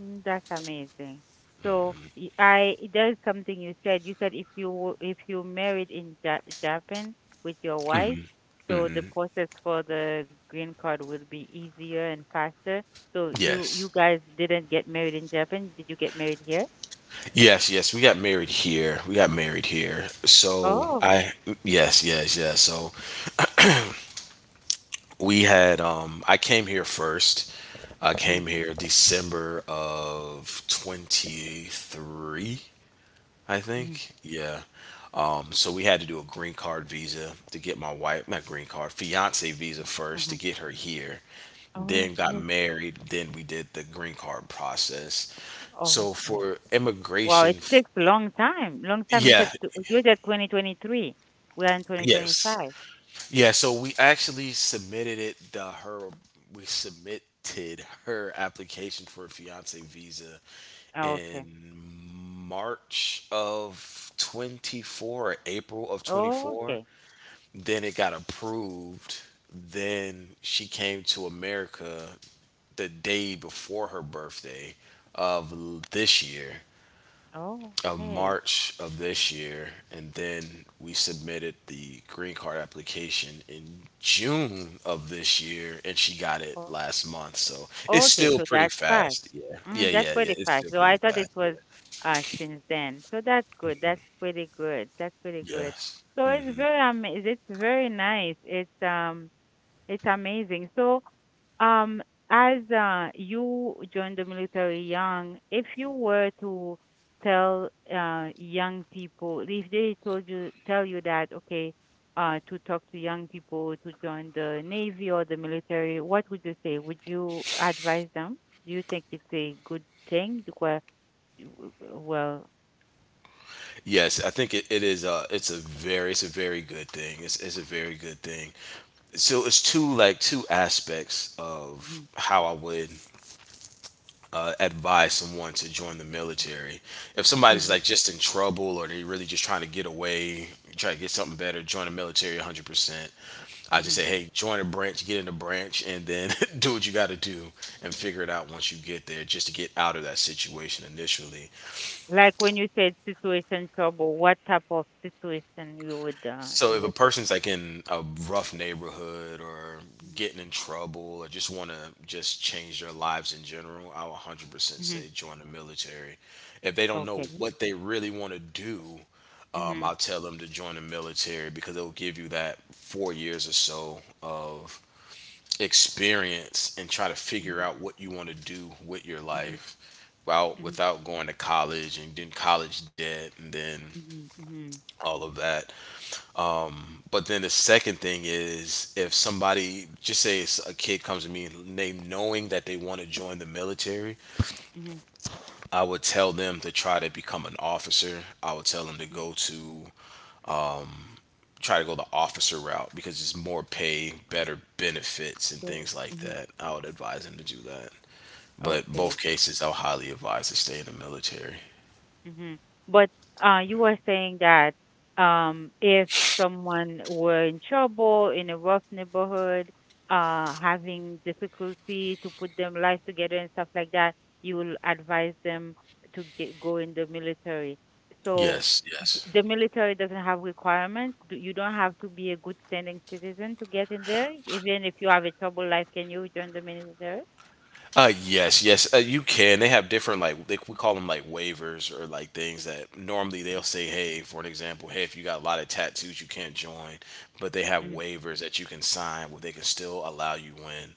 S1: Mm. That's amazing. So y- I there's something you said. You said if if you married in ja Japan with your wife, so the process for the green card would be easier and faster. So you
S2: Yes.
S1: guys didn't get married in Japan. Did you get married here?
S2: Yes, yes, we got married here. We got married here. So
S1: Oh.
S2: I, yes, yes, yes. So we had, I came here first. I
S1: Mm-hmm.
S2: came here December of 23, I
S1: Mm-hmm.
S2: think. Yeah. So we had to do a green card visa to get my wife, not green card, fiance visa first
S1: Mm-hmm.
S2: to get her here. Then got
S1: Okay.
S2: married. Then we did the green card process. So
S1: Okay.
S2: for
S1: Wow,
S2: immigration,
S1: it takes a long time. Long time.
S2: yeah,
S1: You said 2023. We are in
S2: yes.
S1: 2025.
S2: Yeah, so we actually submitted it the her, we submitted her application for a fiance visa in
S1: Okay.
S2: March of 24 or April of 24.
S1: Okay.
S2: Then it got approved. Then she came to America the day before her birthday of this year,
S1: Oh.
S2: of
S1: Okay.
S2: March of this year, and then we submitted the green card application in June of this year, and she got it
S1: Oh,
S2: last month. So it's
S1: okay.
S2: still
S1: So
S2: pretty
S1: that's fast.
S2: fast. Yeah, yeah,
S1: Mm, that's
S2: yeah, yeah.
S1: pretty
S2: It's
S1: fast.
S2: still
S1: So
S2: pretty
S1: I thought
S2: fast.
S1: it
S2: Yeah.
S1: was since then. So that's good. That's pretty good. That's pretty good.
S2: Yes.
S1: So it's very amazing. It's very nice. It's amazing. So Um, as you joined the military young, if you were to tell young people, if they told you, tell you that, okay, to talk to young people to join the Navy or the military, what would you say? Would you advise them? Do you think it's a good thing? Well,
S2: Yes, I think it is. It's a very good thing. It's a very good thing. So it's two like two aspects
S1: mhm,
S2: of how I would advise someone to join the military. If somebody's
S1: mhm,
S2: like just in trouble, or they're really just trying to get away, try to get something better, join the military 100%. I just say,
S1: mhm.
S2: hey, join a branch, get in a branch, and then do what you got to do and figure it out once you get there, just to get out of that situation initially.
S1: Like when you said situation trouble, what type of situation
S2: So
S1: you
S2: if a
S1: would?
S2: person's like in a rough neighborhood, or getting in trouble, or just want to just change their lives in general, I would 100%
S1: Mhm,
S2: say
S1: mhm.
S2: join the military. If they don't know
S1: Okay.
S2: what they really want to do, I'll
S1: Mhm,
S2: tell them to join the military because it'll give you that 4 years or so of experience and try to figure
S1: mhm,
S2: out what you want to do with your
S1: mhm,
S2: life without
S1: mhm,
S2: without going to college, and then college debt, and then
S1: mhm, mhm,
S2: all of that. But then the second thing is, if somebody, just say it's a kid, comes to me and they knowing that they want to join the military,
S1: mhm,
S2: I would tell them to try to become an officer. I would tell them to
S1: mhm.
S2: go to try to go the officer route because it's more pay, better benefits, and
S1: So,
S2: things like
S1: mhm.
S2: that. I would advise them to do that. But
S1: Okay.
S2: both cases, I'll highly advise to stay in the military.
S1: Mhm. But you were saying that if someone were in trouble in a rough neighborhood, having difficulty to put them life together and stuff like that, you will advise them to get go in the military. So
S2: Yes, yes.
S1: the military doesn't have requirements. You don't have to be a good standing citizen to get in there. Even if you have a troubled life, can you join the military?
S2: Yes, yes, you can. They have different like they, we call them like waivers, or like things that normally they'll say, hey, for an example, hey, if you got a lot of tattoos, you can't join, but they have
S1: Mm,
S2: waivers that you can sign where they can still allow you in.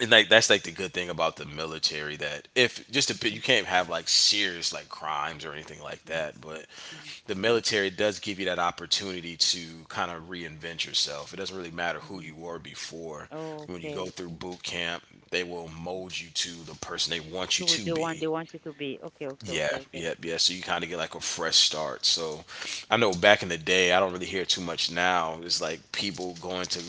S2: And like that's like the good thing about the military, that if just a bit,
S1: mm.
S2: you can't have like serious like crimes or anything like
S1: Hmm.
S2: that, but
S1: Mm,
S2: the military does give you that opportunity to kind of reinvent yourself. It doesn't really matter who
S1: mm.
S2: you were before. When you go
S1: Okay.
S2: through boot camp, they will
S1: Mhm.
S2: mold you to the person they want you
S1: So
S2: to
S1: they want
S2: be.
S1: you to be okay, okay,
S2: Yeah,
S1: okay, okay.
S2: yep, yeah. So you kind of get like a fresh start. So I know back in the day, I don't really hear too much now, it's like people going to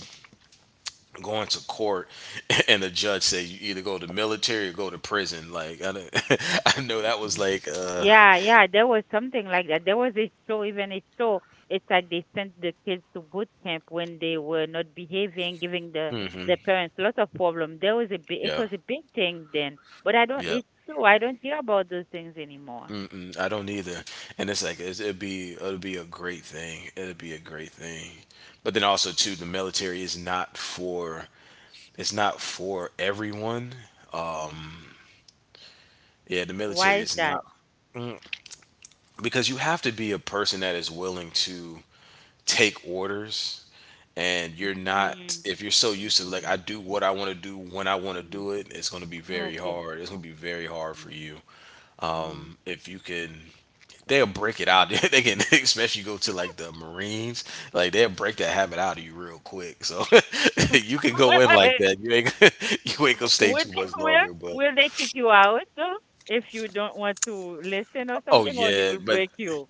S2: going to court and the judge said you either go to military or go to prison. Like I, don't-
S1: Mhm,
S2: I know that
S1: mhm,
S2: was
S1: mhm.
S2: like,
S1: Yeah, yeah, there was something like that. There was a show, even a show. It's like they sent the kids to boot camp when they were not behaving, giving the
S2: hmm,
S1: parents lots of problem. There was a big, it
S2: yeah,
S1: was a big thing then, but I don't.
S2: yeah.
S1: It's true. I don't hear about those things anymore.
S2: Mm-mm, I don't either. And it's like it's, it'd be a great thing. It'd be a great thing. But then also too, the military is not for, it's not for everyone.
S1: Hmm.
S2: Yeah, the
S1: Why
S2: military
S1: is
S2: is
S1: that?
S2: not, because you have to be a person that is willing to take orders. And you're not,
S1: Mm-hmm.
S2: if you're so used to like
S1: Hmm.
S2: I do what I want to do when I want to
S1: Hmm.
S2: do it, it's going to be very
S1: Okay.
S2: hard. It's going to be very
S1: Oh,
S2: hard for you
S1: mm,
S2: if you can. They'll break it out.
S1: mm,
S2: They can, especially go to like the Marines, like they'll break that habit out of you real quick. So you can go in
S1: mm.
S2: like that. You ain't you ain't gonna stay
S1: Would
S2: too much
S1: will
S2: longer. But
S1: will they kick you out if you don't want to listen or
S2: oh
S1: something, or they
S2: yeah,
S1: will
S2: but
S1: break you?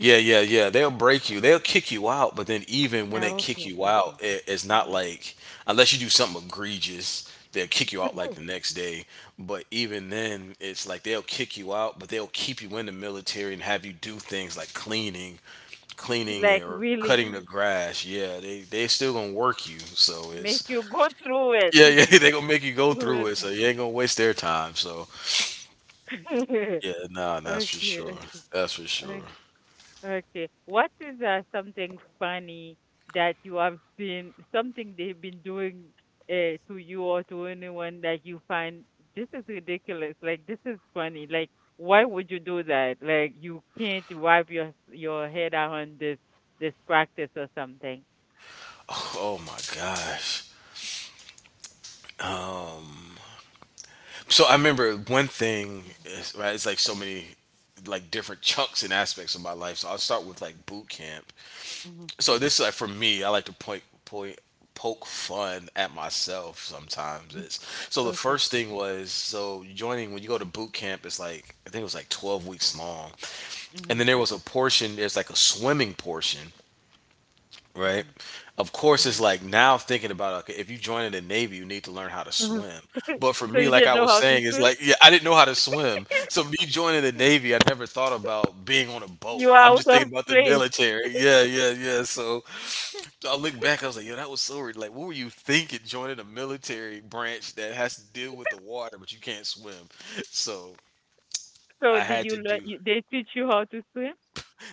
S2: yeah, yeah, yeah. They'll break you. They'll kick you out. But then even when they
S1: Oh,
S2: kick
S1: okay,
S2: you
S1: okay,
S2: out,
S1: okay.
S2: it, it's not
S1: Mhm.
S2: like unless you do something egregious, they'll kick you out like the next day. But even then, it's like they'll kick you out, but they'll keep you in the military and have you do things like cleaning, cleaning
S1: Like
S2: or
S1: really
S2: cutting the grass. Yeah, they still gonna work you. So
S1: make
S2: it's
S1: you go through it.
S2: yeah, yeah. They gonna make you go through it.
S1: Okay.
S2: So you ain't gonna waste their time. So
S1: Okay.
S2: yeah, nah, that's for sure.
S1: Okay.
S2: That's for sure.
S1: Okay. What is something funny that you have been, something they've been doing to you or to anyone that you find this is ridiculous? Like, this is funny. Like, why would you do that? Like, you can't wipe your head out on this practice or something.
S2: Oh my gosh. So I remember one thing, is, right? It's like so many like different chunks and aspects of my life. So I'll start with like boot camp.
S1: Mm-hmm.
S2: So this is like for me, I like to point point poke fun at myself sometimes. It's so the
S1: Okay.
S2: first thing was so joining when you go to boot camp, it's like I think it was like 12 weeks long. And then
S1: Mm-hmm.
S2: there was a portion, there's like a swimming portion, right?
S1: Mm-hmm.
S2: Of course, it's like now thinking about, okay, if you join in the Navy, you need to learn how to
S1: Mm-hmm.
S2: swim. But for
S1: So
S2: me,
S1: you
S2: like
S1: didn't
S2: I
S1: know
S2: was
S1: how to
S2: saying, it's
S1: swim?
S2: like, yeah, I didn't know how to swim, so me joining the Navy, I never thought about being on a boat.
S1: You are
S2: I'm
S1: out
S2: just
S1: of
S2: thinking about the
S1: place.
S2: military. Yeah, yeah, yeah. So I look back, I was like, yo, that was so weird. Like, what were you thinking joining a military branch that has to deal with the water, but you can't swim? So
S1: So
S2: I
S1: did
S2: had
S1: you
S2: to
S1: learn?
S2: do.
S1: You, they teach you how to swim?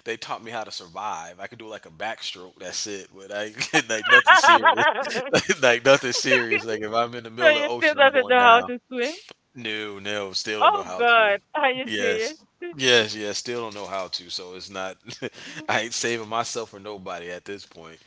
S2: They taught me how to survive. I could do like a backstroke. That's it. But I like nothing serious. like nothing serious. Like if
S1: So
S2: I'm in the middle of the
S1: you still
S2: ocean, I'm
S1: doesn't
S2: going
S1: know how
S2: down.
S1: to swim?
S2: No, no. Still don't know
S1: Oh
S2: how to.
S1: God, are you serious?
S2: Yes. Yes, yes, still don't know how to, so it's not I ain't saving myself or nobody at this point.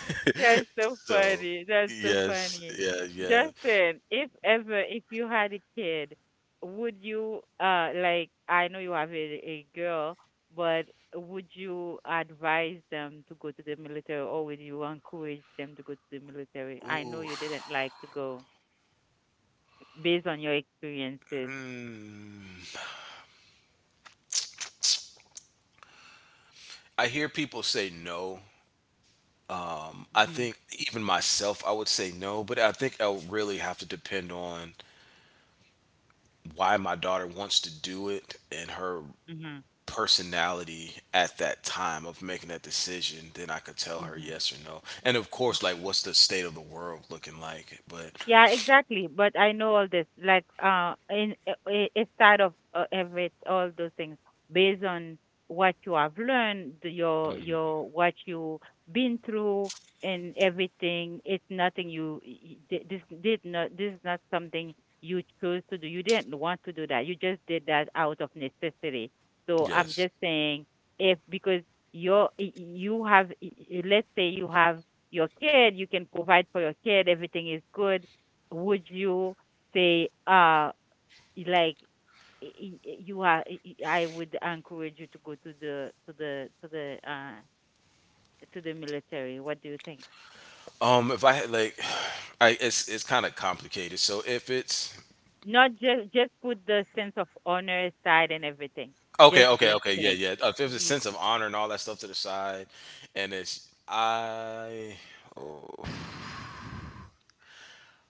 S1: That's so
S2: So
S1: funny. That's so
S2: yes,
S1: funny.
S2: yeah, yeah.
S1: Justin, if you had a kid, would you like I know you have a girl, but would you advise them to go to the military or would you encourage them to go to the military? I know
S2: Ooh.
S1: you didn't like to go based on your experiences.
S2: Mm. I hear people say no. I
S1: Hmm.
S2: think even myself I would say no, but I think I'll really have to depend on why my daughter wants to do it and her personality at that time of making that decision. Then I could tell
S1: Uh
S2: her
S1: huh.
S2: yes or no, and of course, like, what's the state of the world looking like? But
S1: Yeah, exactly. But I know all this. Like, instead of every all those things, based on what you have learned, your what you been through, and everything. It's nothing you y- y- thi- this did not. This is not something you chose to do. You didn't want to do that. You just did that out of necessity. So I'm
S2: yes.
S1: just saying, if because you have, let's say you have your kid, you can provide for your kid, everything is good would you say like y- y- you are y- y- I would encourage you to go to the military. What do you think?
S2: If I had like, I it's kind of complicated. So if it's
S1: Not just put the sense of honor aside and everything.
S2: okay,
S1: Just
S2: okay,
S1: blank
S2: okay, yeah,
S1: blank.
S2: yeah, if there's a
S1: Hmm.
S2: sense of honor and all that stuff to the side, and it's I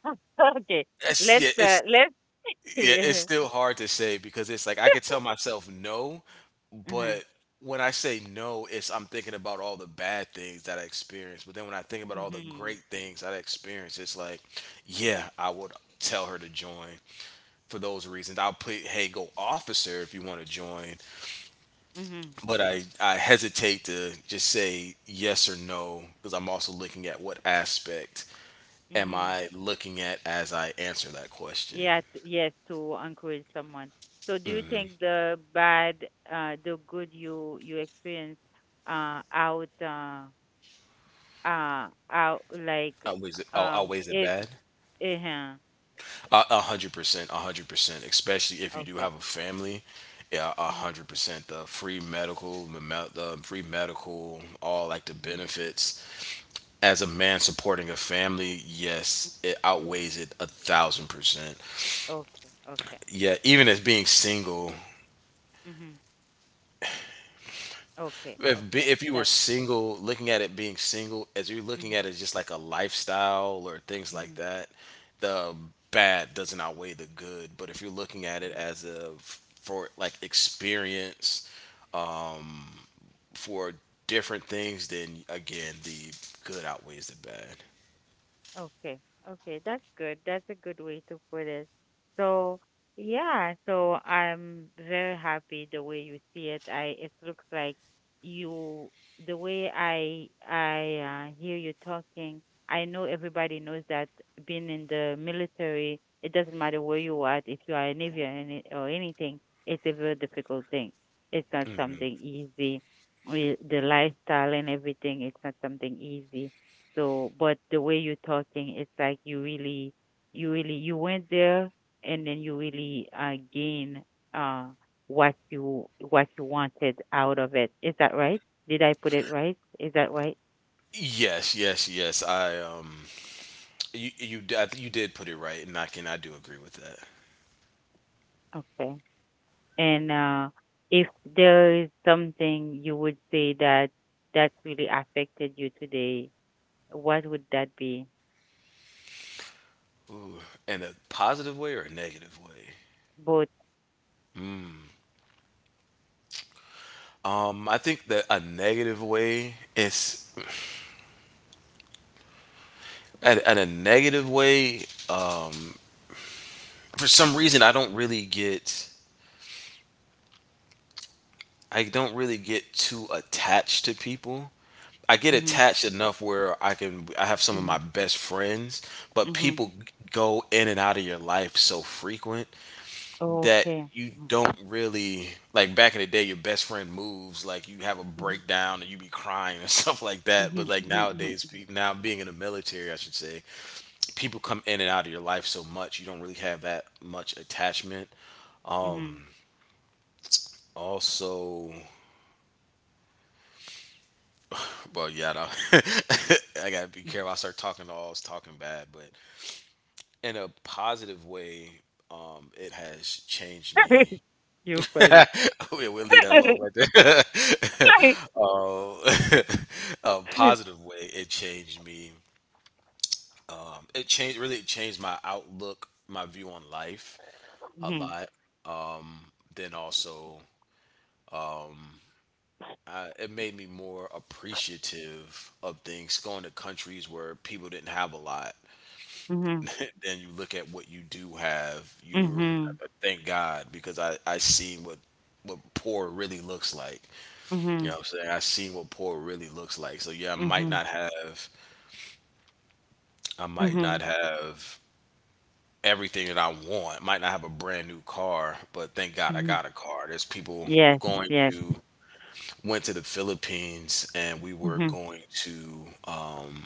S1: okay.
S2: it's yeah
S1: Let's uh
S2: it's
S1: let's
S2: yeah it's
S1: clear.
S2: still hard to say, because it's like I could tell myself no.
S1: Mhm.
S2: But when I say no, it's I'm thinking about all the bad things that I experienced. But then when I think about all the
S1: Mhm.
S2: great things that I experienced, it's like, yeah, I would tell her to join for those reasons. I'll put, hey, go officer if you want to join.
S1: Mhm.
S2: But I hesitate to just say yes or no, because I'm also looking at what aspect am
S1: Mhm.
S2: I looking at as I answer that question.
S1: Yeah, yes, to encourage someone. So do you think the bad, the good you you experience, uh, out, uh, uh, out like,
S2: Outweighs it,
S1: um,
S2: outweighs it
S1: is,
S2: bad?
S1: uh-huh.
S2: A hundred percent, 100%. Especially if you do
S1: Okay.
S2: have a family, yeah, a
S1: Mm-hmm.
S2: hundred percent. The free medical, the free medical, all like the
S1: Mm-hmm.
S2: benefits. As a man supporting a family, yes,
S1: Mm-hmm.
S2: it
S1: Hmm.
S2: outweighs it 1,000%.
S1: Okay. Okay.
S2: Yeah,
S1: Okay.
S2: even as being single,
S1: Mm-hmm. Okay. Okay.
S2: if you were
S1: That.
S2: single, looking at it being single, as you're looking at it as
S1: Mm-hmm.
S2: just like a lifestyle or things
S1: Mm-hmm.
S2: like that, the bad doesn't outweigh the good. But if you're looking at it
S1: Mm-hmm.
S2: as for like experience for different things, then again the good outweighs the bad.
S1: Okay. Okay, that's good. That's a good way to put it. So, yeah, so I'm very happy the way you see it. I it looks like you the way I hear you talking. I know everybody knows that being in the military, it doesn't matter where you are, if you are a Navy or, any, or anything, it's a very difficult thing. It's not something easy. The lifestyle and everything, it's not something easy so, but the way you're talking, it's like you really, you went there and then you really gain uh, what you wanted out of it. Is that right? Did I put it right? Is that right?
S2: Yes, yes, yes. I I think you did put it right, and I can I do agree with that.
S1: Okay. And if there is something you would say that really affected you today, what would that be?
S2: In a positive way or a negative way?
S1: Both.
S2: I think that a negative way is at a negative way. For some reason, I don't really get too attached to people. I get
S1: Mm-hmm,
S2: attached enough where I have some of
S1: mm-hmm,
S2: my best friends, but
S1: mm-hmm.
S2: people go in and out of your life so frequent that
S1: Okay.
S2: you don't really, like, back in the day, your best friend moves, like you have a
S1: Mm-hmm,
S2: breakdown and you be crying and stuff like that.
S1: mm-hmm,
S2: But
S1: mm-hmm,
S2: like
S1: mm-hmm, mm-hmm.
S2: nowadays,
S1: Mm-hmm,
S2: now being in the military, I should say, people come in and out of your life so much you don't really have that much attachment.
S1: mm-hmm.
S2: Also, well, yeah, I, don't- I gotta be careful. I start talking, all I was talking bad, but in a positive way, it has changed me.
S1: You're funny.
S2: We'll leave that alone right there. uh, a positive way, it changed me. It changed. Really, it changed my outlook, my view on life a
S1: Mhm.
S2: lot. Then also, it made me more appreciative of things, going to countries where people didn't have a lot.
S1: Mhm.
S2: Then you look at what you do have. You're
S1: Mhm.
S2: I- I thank God, because I seen what poor really looks like. You
S1: Mhm.
S2: know what I'm saying? I seen what poor really looks like. So yeah, I might
S1: Mhm.
S2: not have I might not
S1: Mhm.
S2: have everything that I want. Might not have a brand new car, but thank God I
S1: Mhm.
S2: got a car. There's people
S1: Yes.
S2: going
S1: Yes.
S2: to went to the Philippines, and we were
S1: Mhm.
S2: going to, um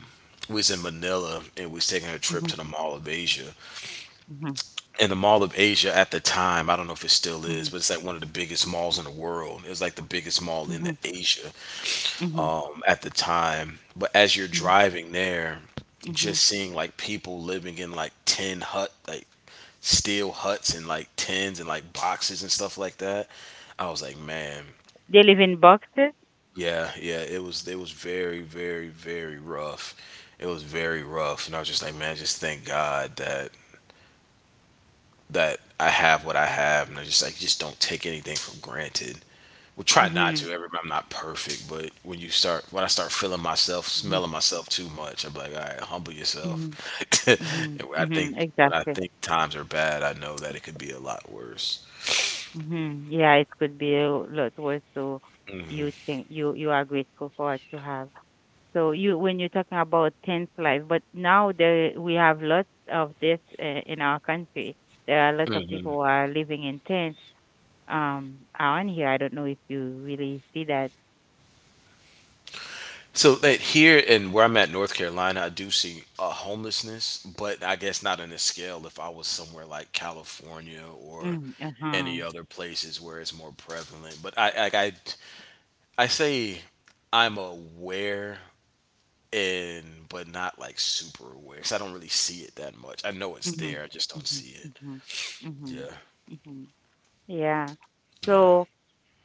S2: we was in Manila, and we was taking a
S1: Mhm.
S2: trip to the Mall of Asia.
S1: Mhm.
S2: In the Mall of Asia at the time, I don't know if it still
S1: Mhm.
S2: is, but it's like one of the biggest malls in the world. It was like the biggest mall in the
S1: Mhm.
S2: Asia
S1: Mhm.
S2: at the time. But as you're
S1: Mhm.
S2: driving there,
S1: Mhm.
S2: just seeing like people living in like tin hut, like steel huts and like tins and like boxes and stuff like that, I was like, man,
S1: They live in boxes.
S2: yeah, yeah, it was very, very, very rough. It was very rough, and I was just like, man, just thank God that I have what I have, and I just don't take anything for granted. Well, try not to.
S1: Mhm.
S2: Everybody, I'm not perfect, but when I start feeling myself,
S1: Mhm.
S2: smelling myself too much, I'm like, all right, humble yourself.
S1: Mhm.
S2: And
S1: Mhm.
S2: I think
S1: Mhm.
S2: when I
S1: Exactly.
S2: think times are bad, I know that it could be a lot worse.
S1: Mhm. Yeah, it could be a lot worse. So you think you you are grateful for what you have. So you when you're talking about tense life, but now there we have lots of this in our country. There are lots of people who are living in tents um on here. I don't know if you really see that.
S2: So that here in where I'm at, North Carolina, I do see a homelessness, but I guess not on this scale. If I was somewhere like California, or
S1: Mm,
S2: any
S1: uh-huh.
S2: other places where it's more prevalent. But I say I'm aware, and but not like super aware, because I don't really see it that much. I know it's
S1: Mm-hmm.
S2: there, I just don't
S1: Mm-hmm.
S2: see it.
S1: Mm-hmm. Mm-hmm.
S2: Yeah,
S1: Mm-hmm. Yeah.
S2: yeah.
S1: So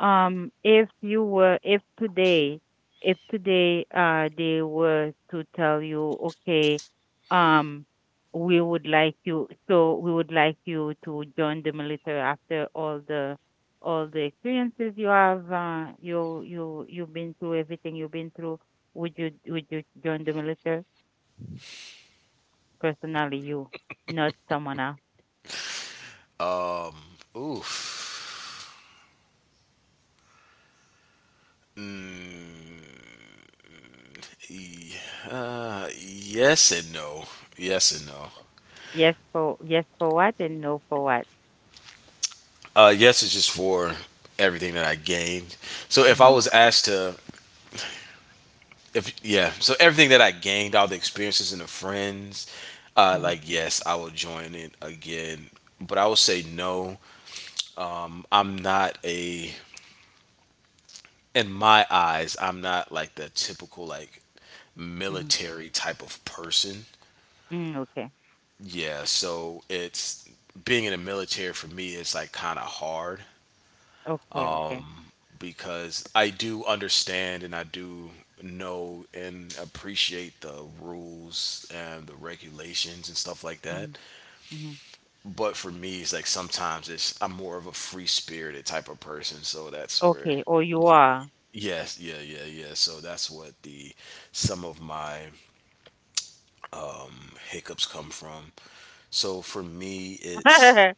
S1: If you were, if today, they were to tell you, okay, um, we would like you, so we would like you to join the military after all the experiences you have, you've been through, everything you've been through. Would you join the military? Personally, not someone else.
S2: Oof. Yes and no. Yes and no.
S1: Yes for what and no for what.
S2: Yes is just for everything that I gained. So if I
S1: Mm-hmm.
S2: was asked to, if yeah, so everything that I gained, all the experiences and the friends,
S1: Mm-hmm.
S2: like yes, I will join it again. But I will say no. I'm not a in my eyes, I'm not like the typical, like,
S1: Mm-hmm.
S2: military type of person.
S1: Mm, okay.
S2: Yeah, so it's being in the military for me is like kind of hard,
S1: Okay. Okay.
S2: because I do understand and I do know and appreciate the rules and the regulations and stuff like that.
S1: Mhm, mhm.
S2: But for me, it's like sometimes it's I'm more of a free spirited type of person, so that's where.
S1: Okay, or you are.
S2: Yes, yeah, yeah, yeah. So that's what the some of my hiccups come from. So for me, it's
S1: Hmm.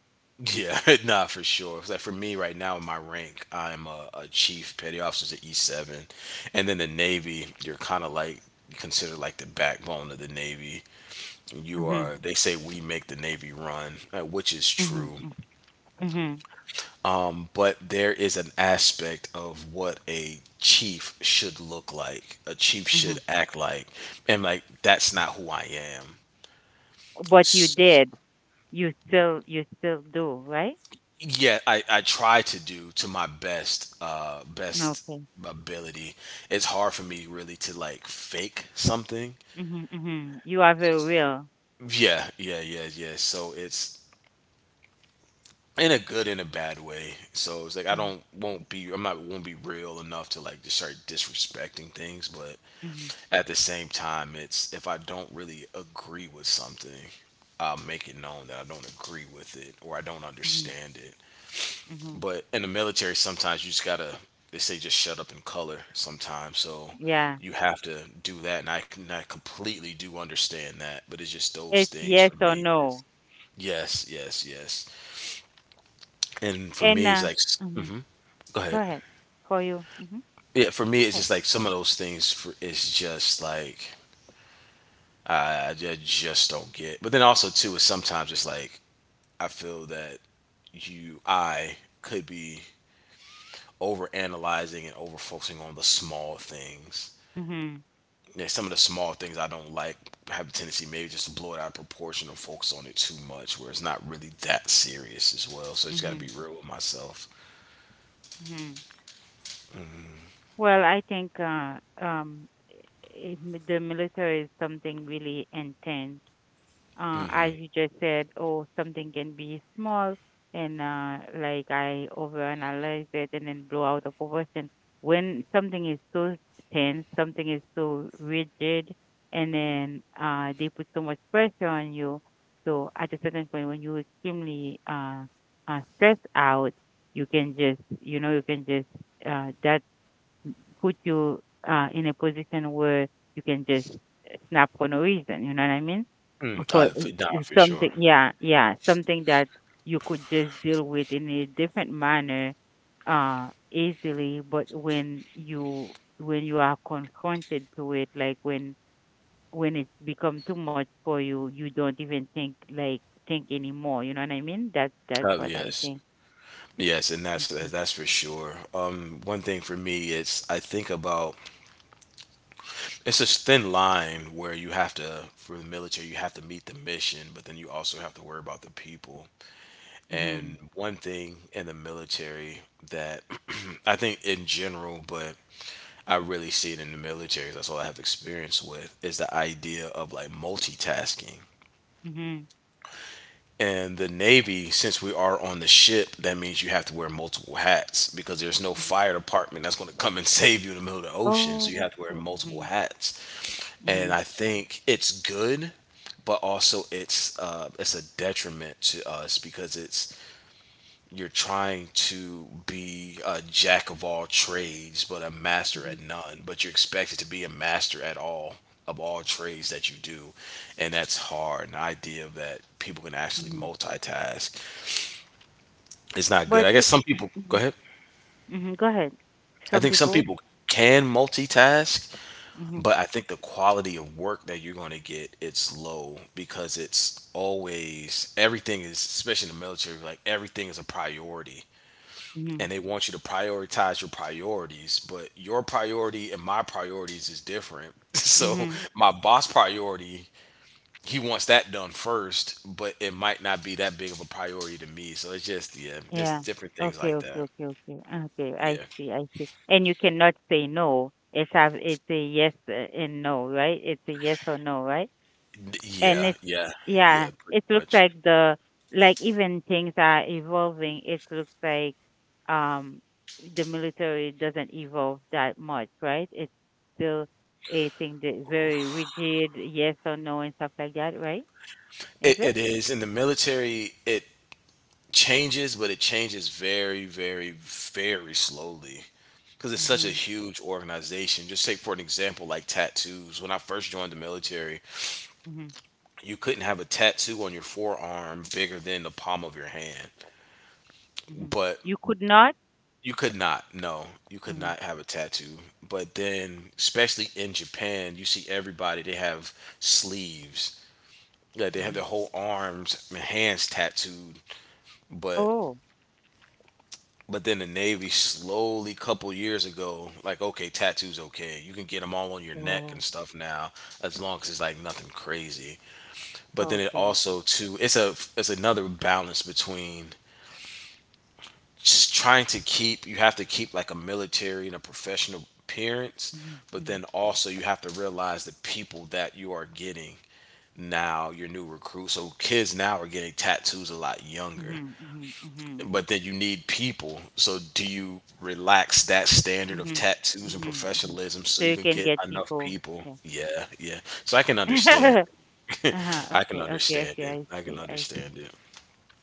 S2: yeah, nah, for sure. 'Cause, like for me right now, in my rank, I'm a chief petty officer to E-7, and then the Navy, you're kind of like considered like the backbone of the Navy. You are. They say we make the Navy run, which is
S1: Hmm.
S2: true,
S1: Hmm. Hmm.
S2: but there is an aspect of what a chief should look like, a chief
S1: Hmm.
S2: should act like, and like that's not who I
S1: But
S2: am.
S1: you did, you still do, right?
S2: Yeah, I try to do to my best best
S1: Okay.
S2: ability. It's hard for me really to like fake something.
S1: Hmm. Hmm. You are very real.
S2: Yeah, yeah, yeah, yeah, so it's, in a good and a bad way, so it's like I
S1: Hmm.
S2: don't won't be I'm not won't be real enough to like just start disrespecting things. But
S1: Hmm.
S2: at the same time it's if I don't really agree with something, I'll make it known that I don't agree with it or I don't
S1: Hmm.
S2: understand it.
S1: Hmm.
S2: But in the military, sometimes you just gotta. They say just shut up and color sometimes. So
S1: Yeah.
S2: you have to do that, and I can I completely do understand that. But it's just those
S1: It's
S2: things for
S1: yes or
S2: me. It's,
S1: no.
S2: yes, yes, yes. And for
S1: And
S2: me, it's like,
S1: mhm.
S2: mm-hmm, go ahead.
S1: Go ahead. For you. Hmm.
S2: Yeah, for me,
S1: Go
S2: it's
S1: ahead.
S2: just like some of those things. For it's just like I just don't get. But then also too is sometimes it's like I feel that you I could be over analyzing and over focusing on the small things,
S1: Hmm.
S2: yeah, some of the small things I don't like have a tendency maybe just to blow it out of proportion or focus on it too much, where it's not really that serious as well. So I just got to be
S1: Hmm.
S2: real with myself.
S1: Hmm. Well, I think um, the military is something really intense as you just said, oh, something can be small and like I overanalyze it and then blow out of proportion. When something is so tense, something is so rigid, and then they put so much pressure on you. So at a certain point, when you're extremely stressed out, you can just, you know, you can just that put you in a position where you can just snap for no reason. You know what I mean?
S2: Mm,
S1: For
S2: nah,
S1: it's
S2: for sure.
S1: something, yeah, yeah, something that you could just deal with in a different manner easily. But when you are confronted to it, like when it's become too much for you, you don't even think like think anymore. You know what I mean? That's
S2: Uh,
S1: what I
S2: yes,
S1: think.
S2: yes, and that's
S1: Mm-hmm.
S2: that's for sure. One thing for me is I think about it's a thin line where you have to for the military you have to meet the mission, but then you also have to worry about the people.
S1: Mm-hmm.
S2: And one thing in the military that I think in general, but I really see it in the military. 'Cause that's all I have experience with is the idea of like multitasking. And the Navy, since we are on the ship, that means you have to wear multiple hats because there's no
S1: Mm-hmm.
S2: fire department that's going to come and save you in the middle of the ocean. So you
S1: Oh.
S2: have to wear multiple hats.
S1: Mm-hmm.
S2: And I think it's good, but also it's a detriment to us because it's you're trying to be a jack of all trades but a master
S1: Mhm,
S2: at none, but you're expected to be a master at all of all trades that you do. And that's hard. And the idea that people can actually
S1: mhm.
S2: multitask is not good.
S1: But
S2: I
S1: it
S2: guess some people, go
S1: mhm,
S2: ahead.
S1: mhm, go ahead.
S2: I
S1: Some
S2: think some
S1: people.
S2: people can multitask,
S1: Mhm,
S2: but I think the quality of work that you're going to get, it's low, because it's always, everything is, especially in the military, like everything is a priority,
S1: mhm,
S2: and they want you to prioritize your priorities, but your priority and my priorities is different. So
S1: mhm.
S2: my boss priority, he wants that done first, but it might not be that big of a priority to me. So it's just, yeah,
S1: Yeah.
S2: just different things
S1: Okay,
S2: like
S1: okay,
S2: that.
S1: okay, okay. Ah, okay,
S2: Yeah.
S1: I see, I see. And you cannot say no. It's a yes and no, right? It's a yes or no, right?
S2: D-
S1: and
S2: yeah
S1: it
S2: yeah
S1: Yeah,
S2: Yeah, pretty
S1: it looks
S2: much.
S1: like the, like even things are evolving, it looks like um the military doesn't evolve that much, right? It's still a thing that very rigid, yes or no and stuff like that, right? is
S2: it,
S1: it
S2: it is in the military. It changes, but it changes very very slowly because it's such a
S1: Mhm,
S2: huge organization. Just take for an example, like tattoos. When I first joined the military,
S1: mhm,
S2: you couldn't have a tattoo on your forearm bigger than the palm of your hand.
S1: mhm.
S2: But
S1: You could not.
S2: you could not. No, you could
S1: Mhm,
S2: not have a tattoo. But then, especially in Japan, you see everybody, they have sleeves. Yeah, they have their
S1: mhm.
S2: whole arms and hands tattooed. But
S1: Oh.
S2: but then the Navy slowly, couple years ago, like okay, tattoos okay. You can get them all on your neck and
S1: Oh,
S2: stuff now, as long as it's like nothing crazy. But then it
S1: okay.
S2: also
S1: Mhm,
S2: too, it's a it's another balance between just trying to keep, you have to keep like a military and a professional appearance, but
S1: mhm,
S2: then also you have to realize the people that you are getting now, your new recruits. So kids now are getting tattoos a lot younger,
S1: mhm, mhm, mhm,
S2: but then you need people. So do you relax that standard of
S1: mhm,
S2: tattoos and
S1: mhm, mhm.
S2: professionalism
S1: So
S2: so you
S1: you
S2: can
S1: can
S2: get
S1: get
S2: enough
S1: people.
S2: people?
S1: Yeah.
S2: Yeah, yeah, so I can understand.
S1: Uh-huh.
S2: I can
S1: Okay, okay,
S2: understand
S1: okay.
S2: it.
S1: I
S2: I can
S1: see. I
S2: understand
S1: see.
S2: it.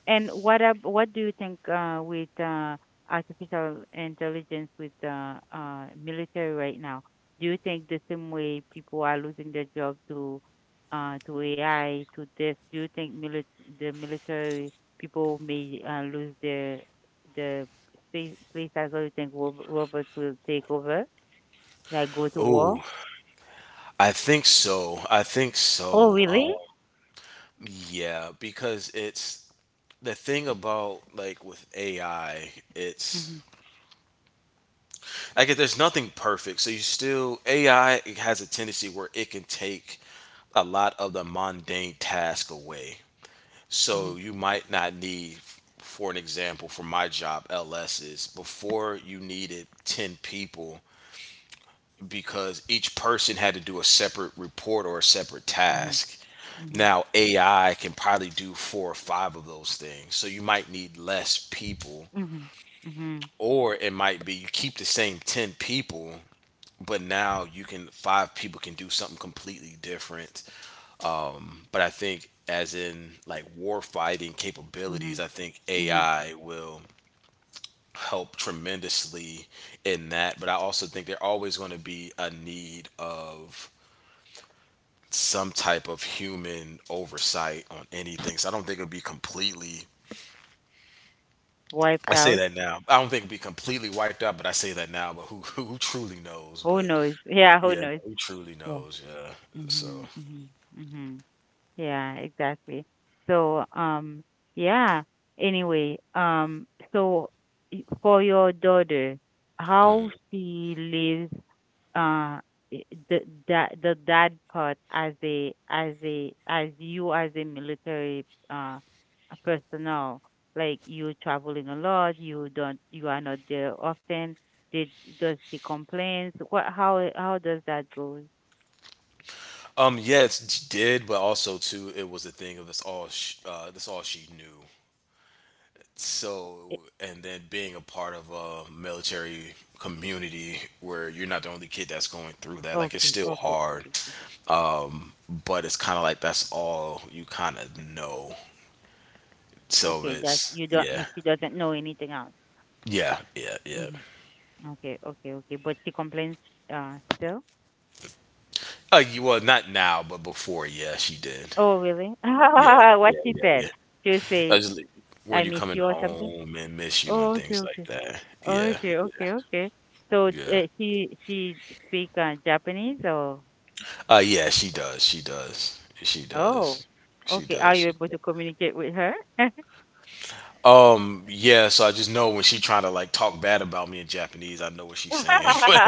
S1: And what do you think with artificial intelligence with military right now? Do you think the same way people are losing their job to AI to this? Do you think the military people may lose their the space place as well? You think robots will take over, like go to war?
S2: Ooh, I think so. I think
S1: Oh,
S2: so.
S1: really?
S2: Yeah, because it's, the thing about like with AI, it's
S1: Mm-hmm.
S2: like if there's nothing perfect. So you still, AI has a tendency where it can take a lot of the mundane task away.
S1: Mm-hmm.
S2: So you might not need, for an example for my job LSs, before you needed 10 people because each person had to do a separate report or a separate
S1: Mm-hmm.
S2: task.
S1: Mm-hmm.
S2: Now AI can probably do four or five of those things. So you might need less people,
S1: Mm-hmm. Mm-hmm.
S2: or it might be you keep the same 10 people, but now you can, five people can do something completely different. But I think as in like war fighting capabilities,
S1: Mhm,
S2: I think
S1: mhm.
S2: AI will help tremendously in that, but I also think there always going to be a need of some type of human oversight on anything. So I don't think it'll be completely,
S1: Wiped
S2: I say
S1: out.
S2: that now. I don't think it'd be completely wiped out, but I say that now. But who who truly knows?
S1: Who
S2: But
S1: knows? Yeah, who
S2: yeah, no,
S1: knows?
S2: who truly
S1: Yeah.
S2: knows? Yeah. So
S1: Mhm, mhm, mhm. Yeah, exactly. So, yeah. Anyway, so for your daughter, how she lives uh I- the that the dad part as a as a as you, as a military a personnel, like you traveling a lot, you don't, you are not there often. Did Does he complains, what how how does that go?
S2: yeah, it did, but also too, it was the thing of this all she knew. So,
S1: It-
S2: and then being a part of a military community where you're not the only kid that's going through that, like it's
S1: okay,
S2: still
S1: okay,
S2: hard,
S1: okay, okay.
S2: but it's kind of like that's all you kind of know. So
S1: Okay, that
S2: it's,
S1: you don't,
S2: yeah,
S1: she doesn't know anything else.
S2: yeah, yeah, yeah.
S1: Hmm, okay, okay, okay, but she complains still?
S2: You, well, not now, but before, yeah, she did.
S1: Oh, really?
S2: Yeah,
S1: What
S2: yeah,
S1: she
S2: yeah,
S1: said?
S2: yeah.
S1: She'll
S2: I
S1: say
S2: was like, were
S1: I
S2: you
S1: miss
S2: coming
S1: you or something?
S2: home and miss you and
S1: Oh, okay,
S2: things like
S1: okay.
S2: that? Yeah,
S1: Okay, okay, okay. So,
S2: yeah, yeah.
S1: she speak Japanese or?
S2: Yeah, she does. She does. She
S1: Oh,
S2: does. She
S1: okay. Are
S2: does. She
S1: you able to
S2: does.
S1: communicate with her?
S2: Yeah, so I just know when she trying to like talk bad about me in Japanese, I know what she's saying. But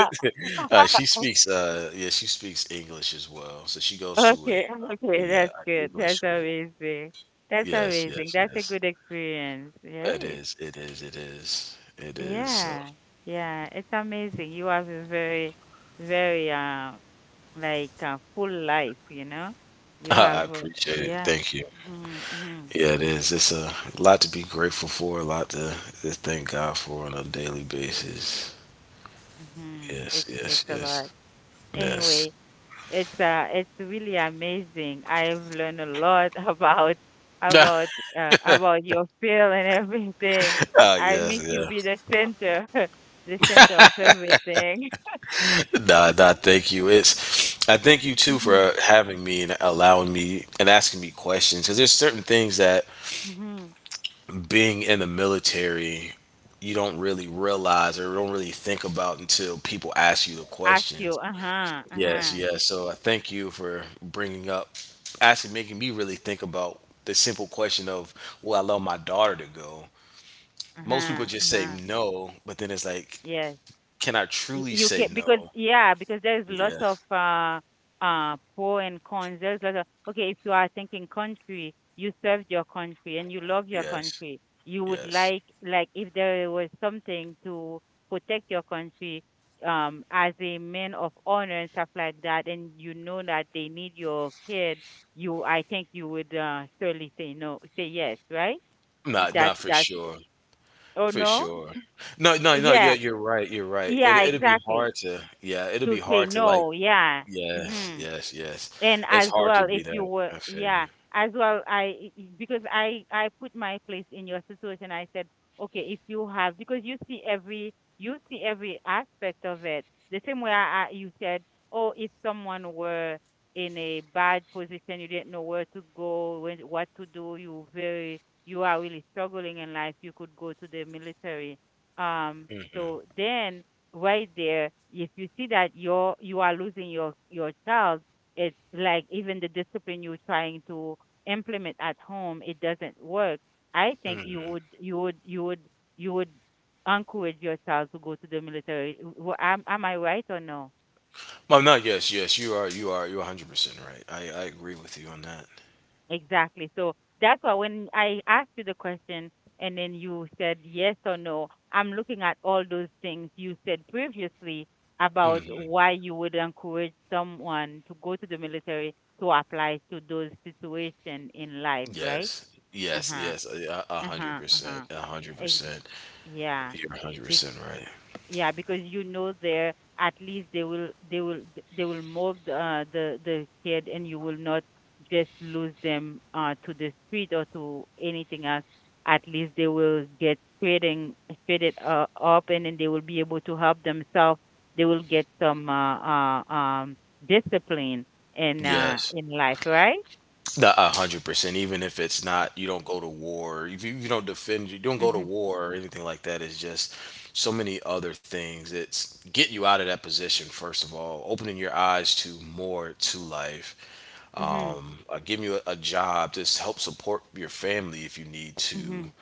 S2: she speaks yeah, she speaks English as well. So she goes to a,
S1: Okay,
S2: a,
S1: okay.
S2: yeah,
S1: That's
S2: an
S1: good.
S2: English
S1: That's
S2: school.
S1: amazing. That's
S2: Yes,
S1: amazing.
S2: yes,
S1: That's a
S2: yes.
S1: good experience,
S2: It
S1: right?
S2: is, it is, it is, it is. So
S1: Yeah, yeah. It's amazing. You have a very, very like full life, you know. You
S2: I
S1: have
S2: appreciate it.
S1: yeah.
S2: Thank you.
S1: Mm-hmm, mm-hmm.
S2: Yeah, it is. It's a lot to be grateful for, a lot to just thank God for on a daily basis.
S1: Mhm.
S2: Yes,
S1: It's
S2: yes,
S1: a lot.
S2: yes,
S1: Anyway, it's really amazing. I've learned a lot about
S2: yes.
S1: about about your field and everything.
S2: Ah,
S1: I make
S2: yes,
S1: you
S2: yeah.
S1: be the center, the center of everything.
S2: Nah, nah, thank you. It's, I thank you too
S1: Mhm.
S2: for having me and allowing me and asking me questions, because there's certain things that
S1: Mhm.
S2: being in the military, you don't really realize or don't really think about until people ask you the
S1: Ask you.
S2: questions.
S1: Uh-huh.
S2: Yes,
S1: Uh-huh.
S2: yes. So I thank you for bringing up, actually making me really think about the simple question of, will I allow my daughter to go? Most people
S1: Uh-huh.
S2: just say
S1: Uh-huh.
S2: no, but then it's like,
S1: Yes.
S2: can I truly
S1: You
S2: say
S1: can, because
S2: no?
S1: yeah, because there's lots
S2: Yeah,
S1: of pro and cons. There's lots of, okay, if you are thinking country, you served your country and you love your
S2: yes,
S1: country, you would
S2: yes.
S1: like if there was something to protect your country, as a man of honor and stuff like that, and you know that they need your kid, you, I think you would surely say no, say yes, right?
S2: Not, not for
S1: That's
S2: sure,
S1: Oh
S2: for
S1: no.
S2: sure. No, no, no. Yeah,
S1: Yeah,
S2: you're right. You're right. It,
S1: yeah,
S2: it'll be
S1: exactly.
S2: hard to, yeah, it'll
S1: To
S2: be
S1: say
S2: hard to like,
S1: no, yeah.
S2: yes,
S1: Hmm.
S2: yes, yes.
S1: And
S2: It's
S1: as
S2: hard to
S1: well, if
S2: be
S1: you
S2: that.
S1: were,
S2: I feel
S1: yeah,
S2: you.
S1: as well, I because I put my place in your situation, I said, okay, if you have, because you see every, you see every aspect of it the same way. I, you said, oh, if someone were in a bad position, you didn't know where to go, when, what to do, you very, you are really struggling in life, you could go to the military. um so
S2: Mm-hmm,
S1: then, right there, if you see that you are losing your child, it's like even the discipline you're trying to implement at home, it doesn't work. I think you
S2: mm-hmm.
S1: would you would you would you would encourage your child to go to the military. Am I right or no?
S2: Well, no, yes, yes, you are, you're 100% right. I agree with you on that.
S1: Exactly. So that's why, when I asked you the question and then you said yes or no, I'm looking at all those things you said previously about
S2: Hmm.
S1: why you would encourage someone to go to the military, to apply to those situations in life, right?
S2: Yes,
S1: Uh
S2: yes,
S1: huh.
S2: yes, a hundred
S1: Uh-huh,
S2: percent,
S1: uh-huh.
S2: a hundred
S1: Ex
S2: percent.
S1: Yeah.
S2: You're a hundred
S1: Be
S2: percent right.
S1: Yeah, because you know there, at least they will, they will, they will mold the kid, and you will not just lose them to the street or to anything else. At least they will get straightened up, and then they will be able to help themselves. They will get some discipline
S2: Yes,
S1: in life, right?
S2: no, 100%. Even if it's not, you don't go to war. If you, you don't defend, you don't go to
S1: Mhm.
S2: war or anything like that. It's just so many other things. It's getting you out of that position first of all, opening your eyes to more to life,
S1: Mhm.
S2: giving you a job to help support your family if you need to.
S1: Mhm.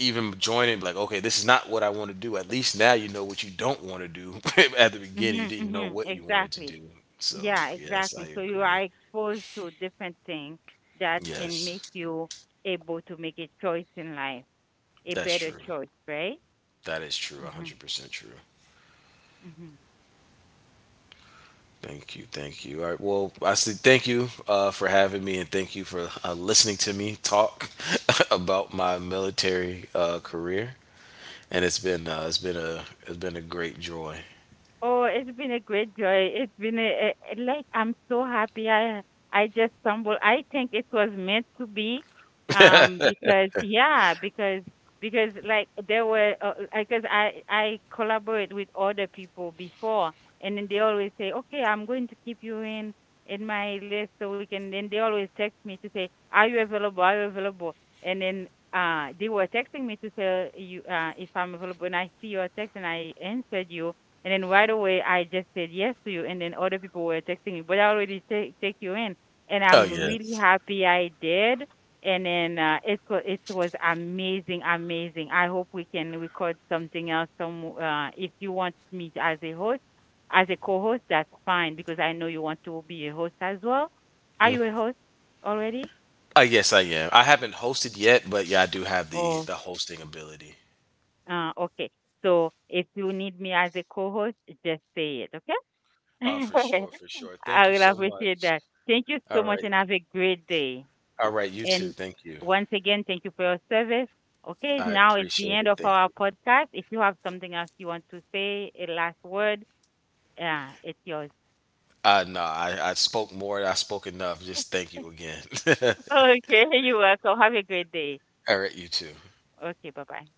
S2: Even join it, like, okay, this is not what I want to do. At least now you know what you don't want to do. At the beginning, you
S1: Mhm.
S2: didn't know
S1: Mhm.
S2: what you wanted to
S1: Exactly.
S2: do. So,
S1: Yeah,
S2: yes, I
S1: exactly. So you are
S2: agree.
S1: exposed to different things that can make
S2: Yes,
S1: you able to make a choice in life, a
S2: that's
S1: better
S2: true.
S1: choice, right?
S2: That is true.
S1: Mm-hmm.
S2: 100% true. Thank you. Thank you. All right. Well, I say thank you for having me and thank you for listening to me talk about my military career. And it's been it's been a great joy.
S1: Oh, it's been a great joy. It's been a like, I'm so happy. I just stumbled. I think it was meant to be,
S2: Oh,
S1: because yeah, because like there were because I collaborate with other people before, and then they always say, okay, I'm going to keep you in my list so we can. Then they always text me to say, are you available? Are you available? And then they were texting me to tell you if I'm available, and I see your text and I answered you, and then right away, I just said yes to you. And then other people were texting me, but I already take you in. And I'm really
S2: yes.
S1: happy I did. And then it was, it was amazing, amazing. I hope we can record something else. Some if you want me as a host, as a co-host, that's fine, because I know you want to be a host as well. Are you a host already?
S2: Yes, I am. I haven't hosted yet, but yeah, I do have
S1: Oh,
S2: the hosting ability.
S1: okay. So if you need me as a co-host, just say it, okay?
S2: For sure, for sure. Thank
S1: I
S2: you
S1: will
S2: so
S1: appreciate
S2: much.
S1: that. Thank you
S2: All
S1: so much
S2: right,
S1: and have a great day.
S2: all right. You too.
S1: And
S2: Thank you.
S1: once again, thank you for your service. Okay,
S2: I
S1: now it's the
S2: appreciate
S1: end
S2: it.
S1: of
S2: Thank
S1: our
S2: you.
S1: podcast. If you have something else you want to say, a last word, yeah, it's yours.
S2: No, I spoke more. I spoke enough. Just thank you again.
S1: Okay, you're welcome. Have a great day.
S2: All right, you too.
S1: Okay, bye bye.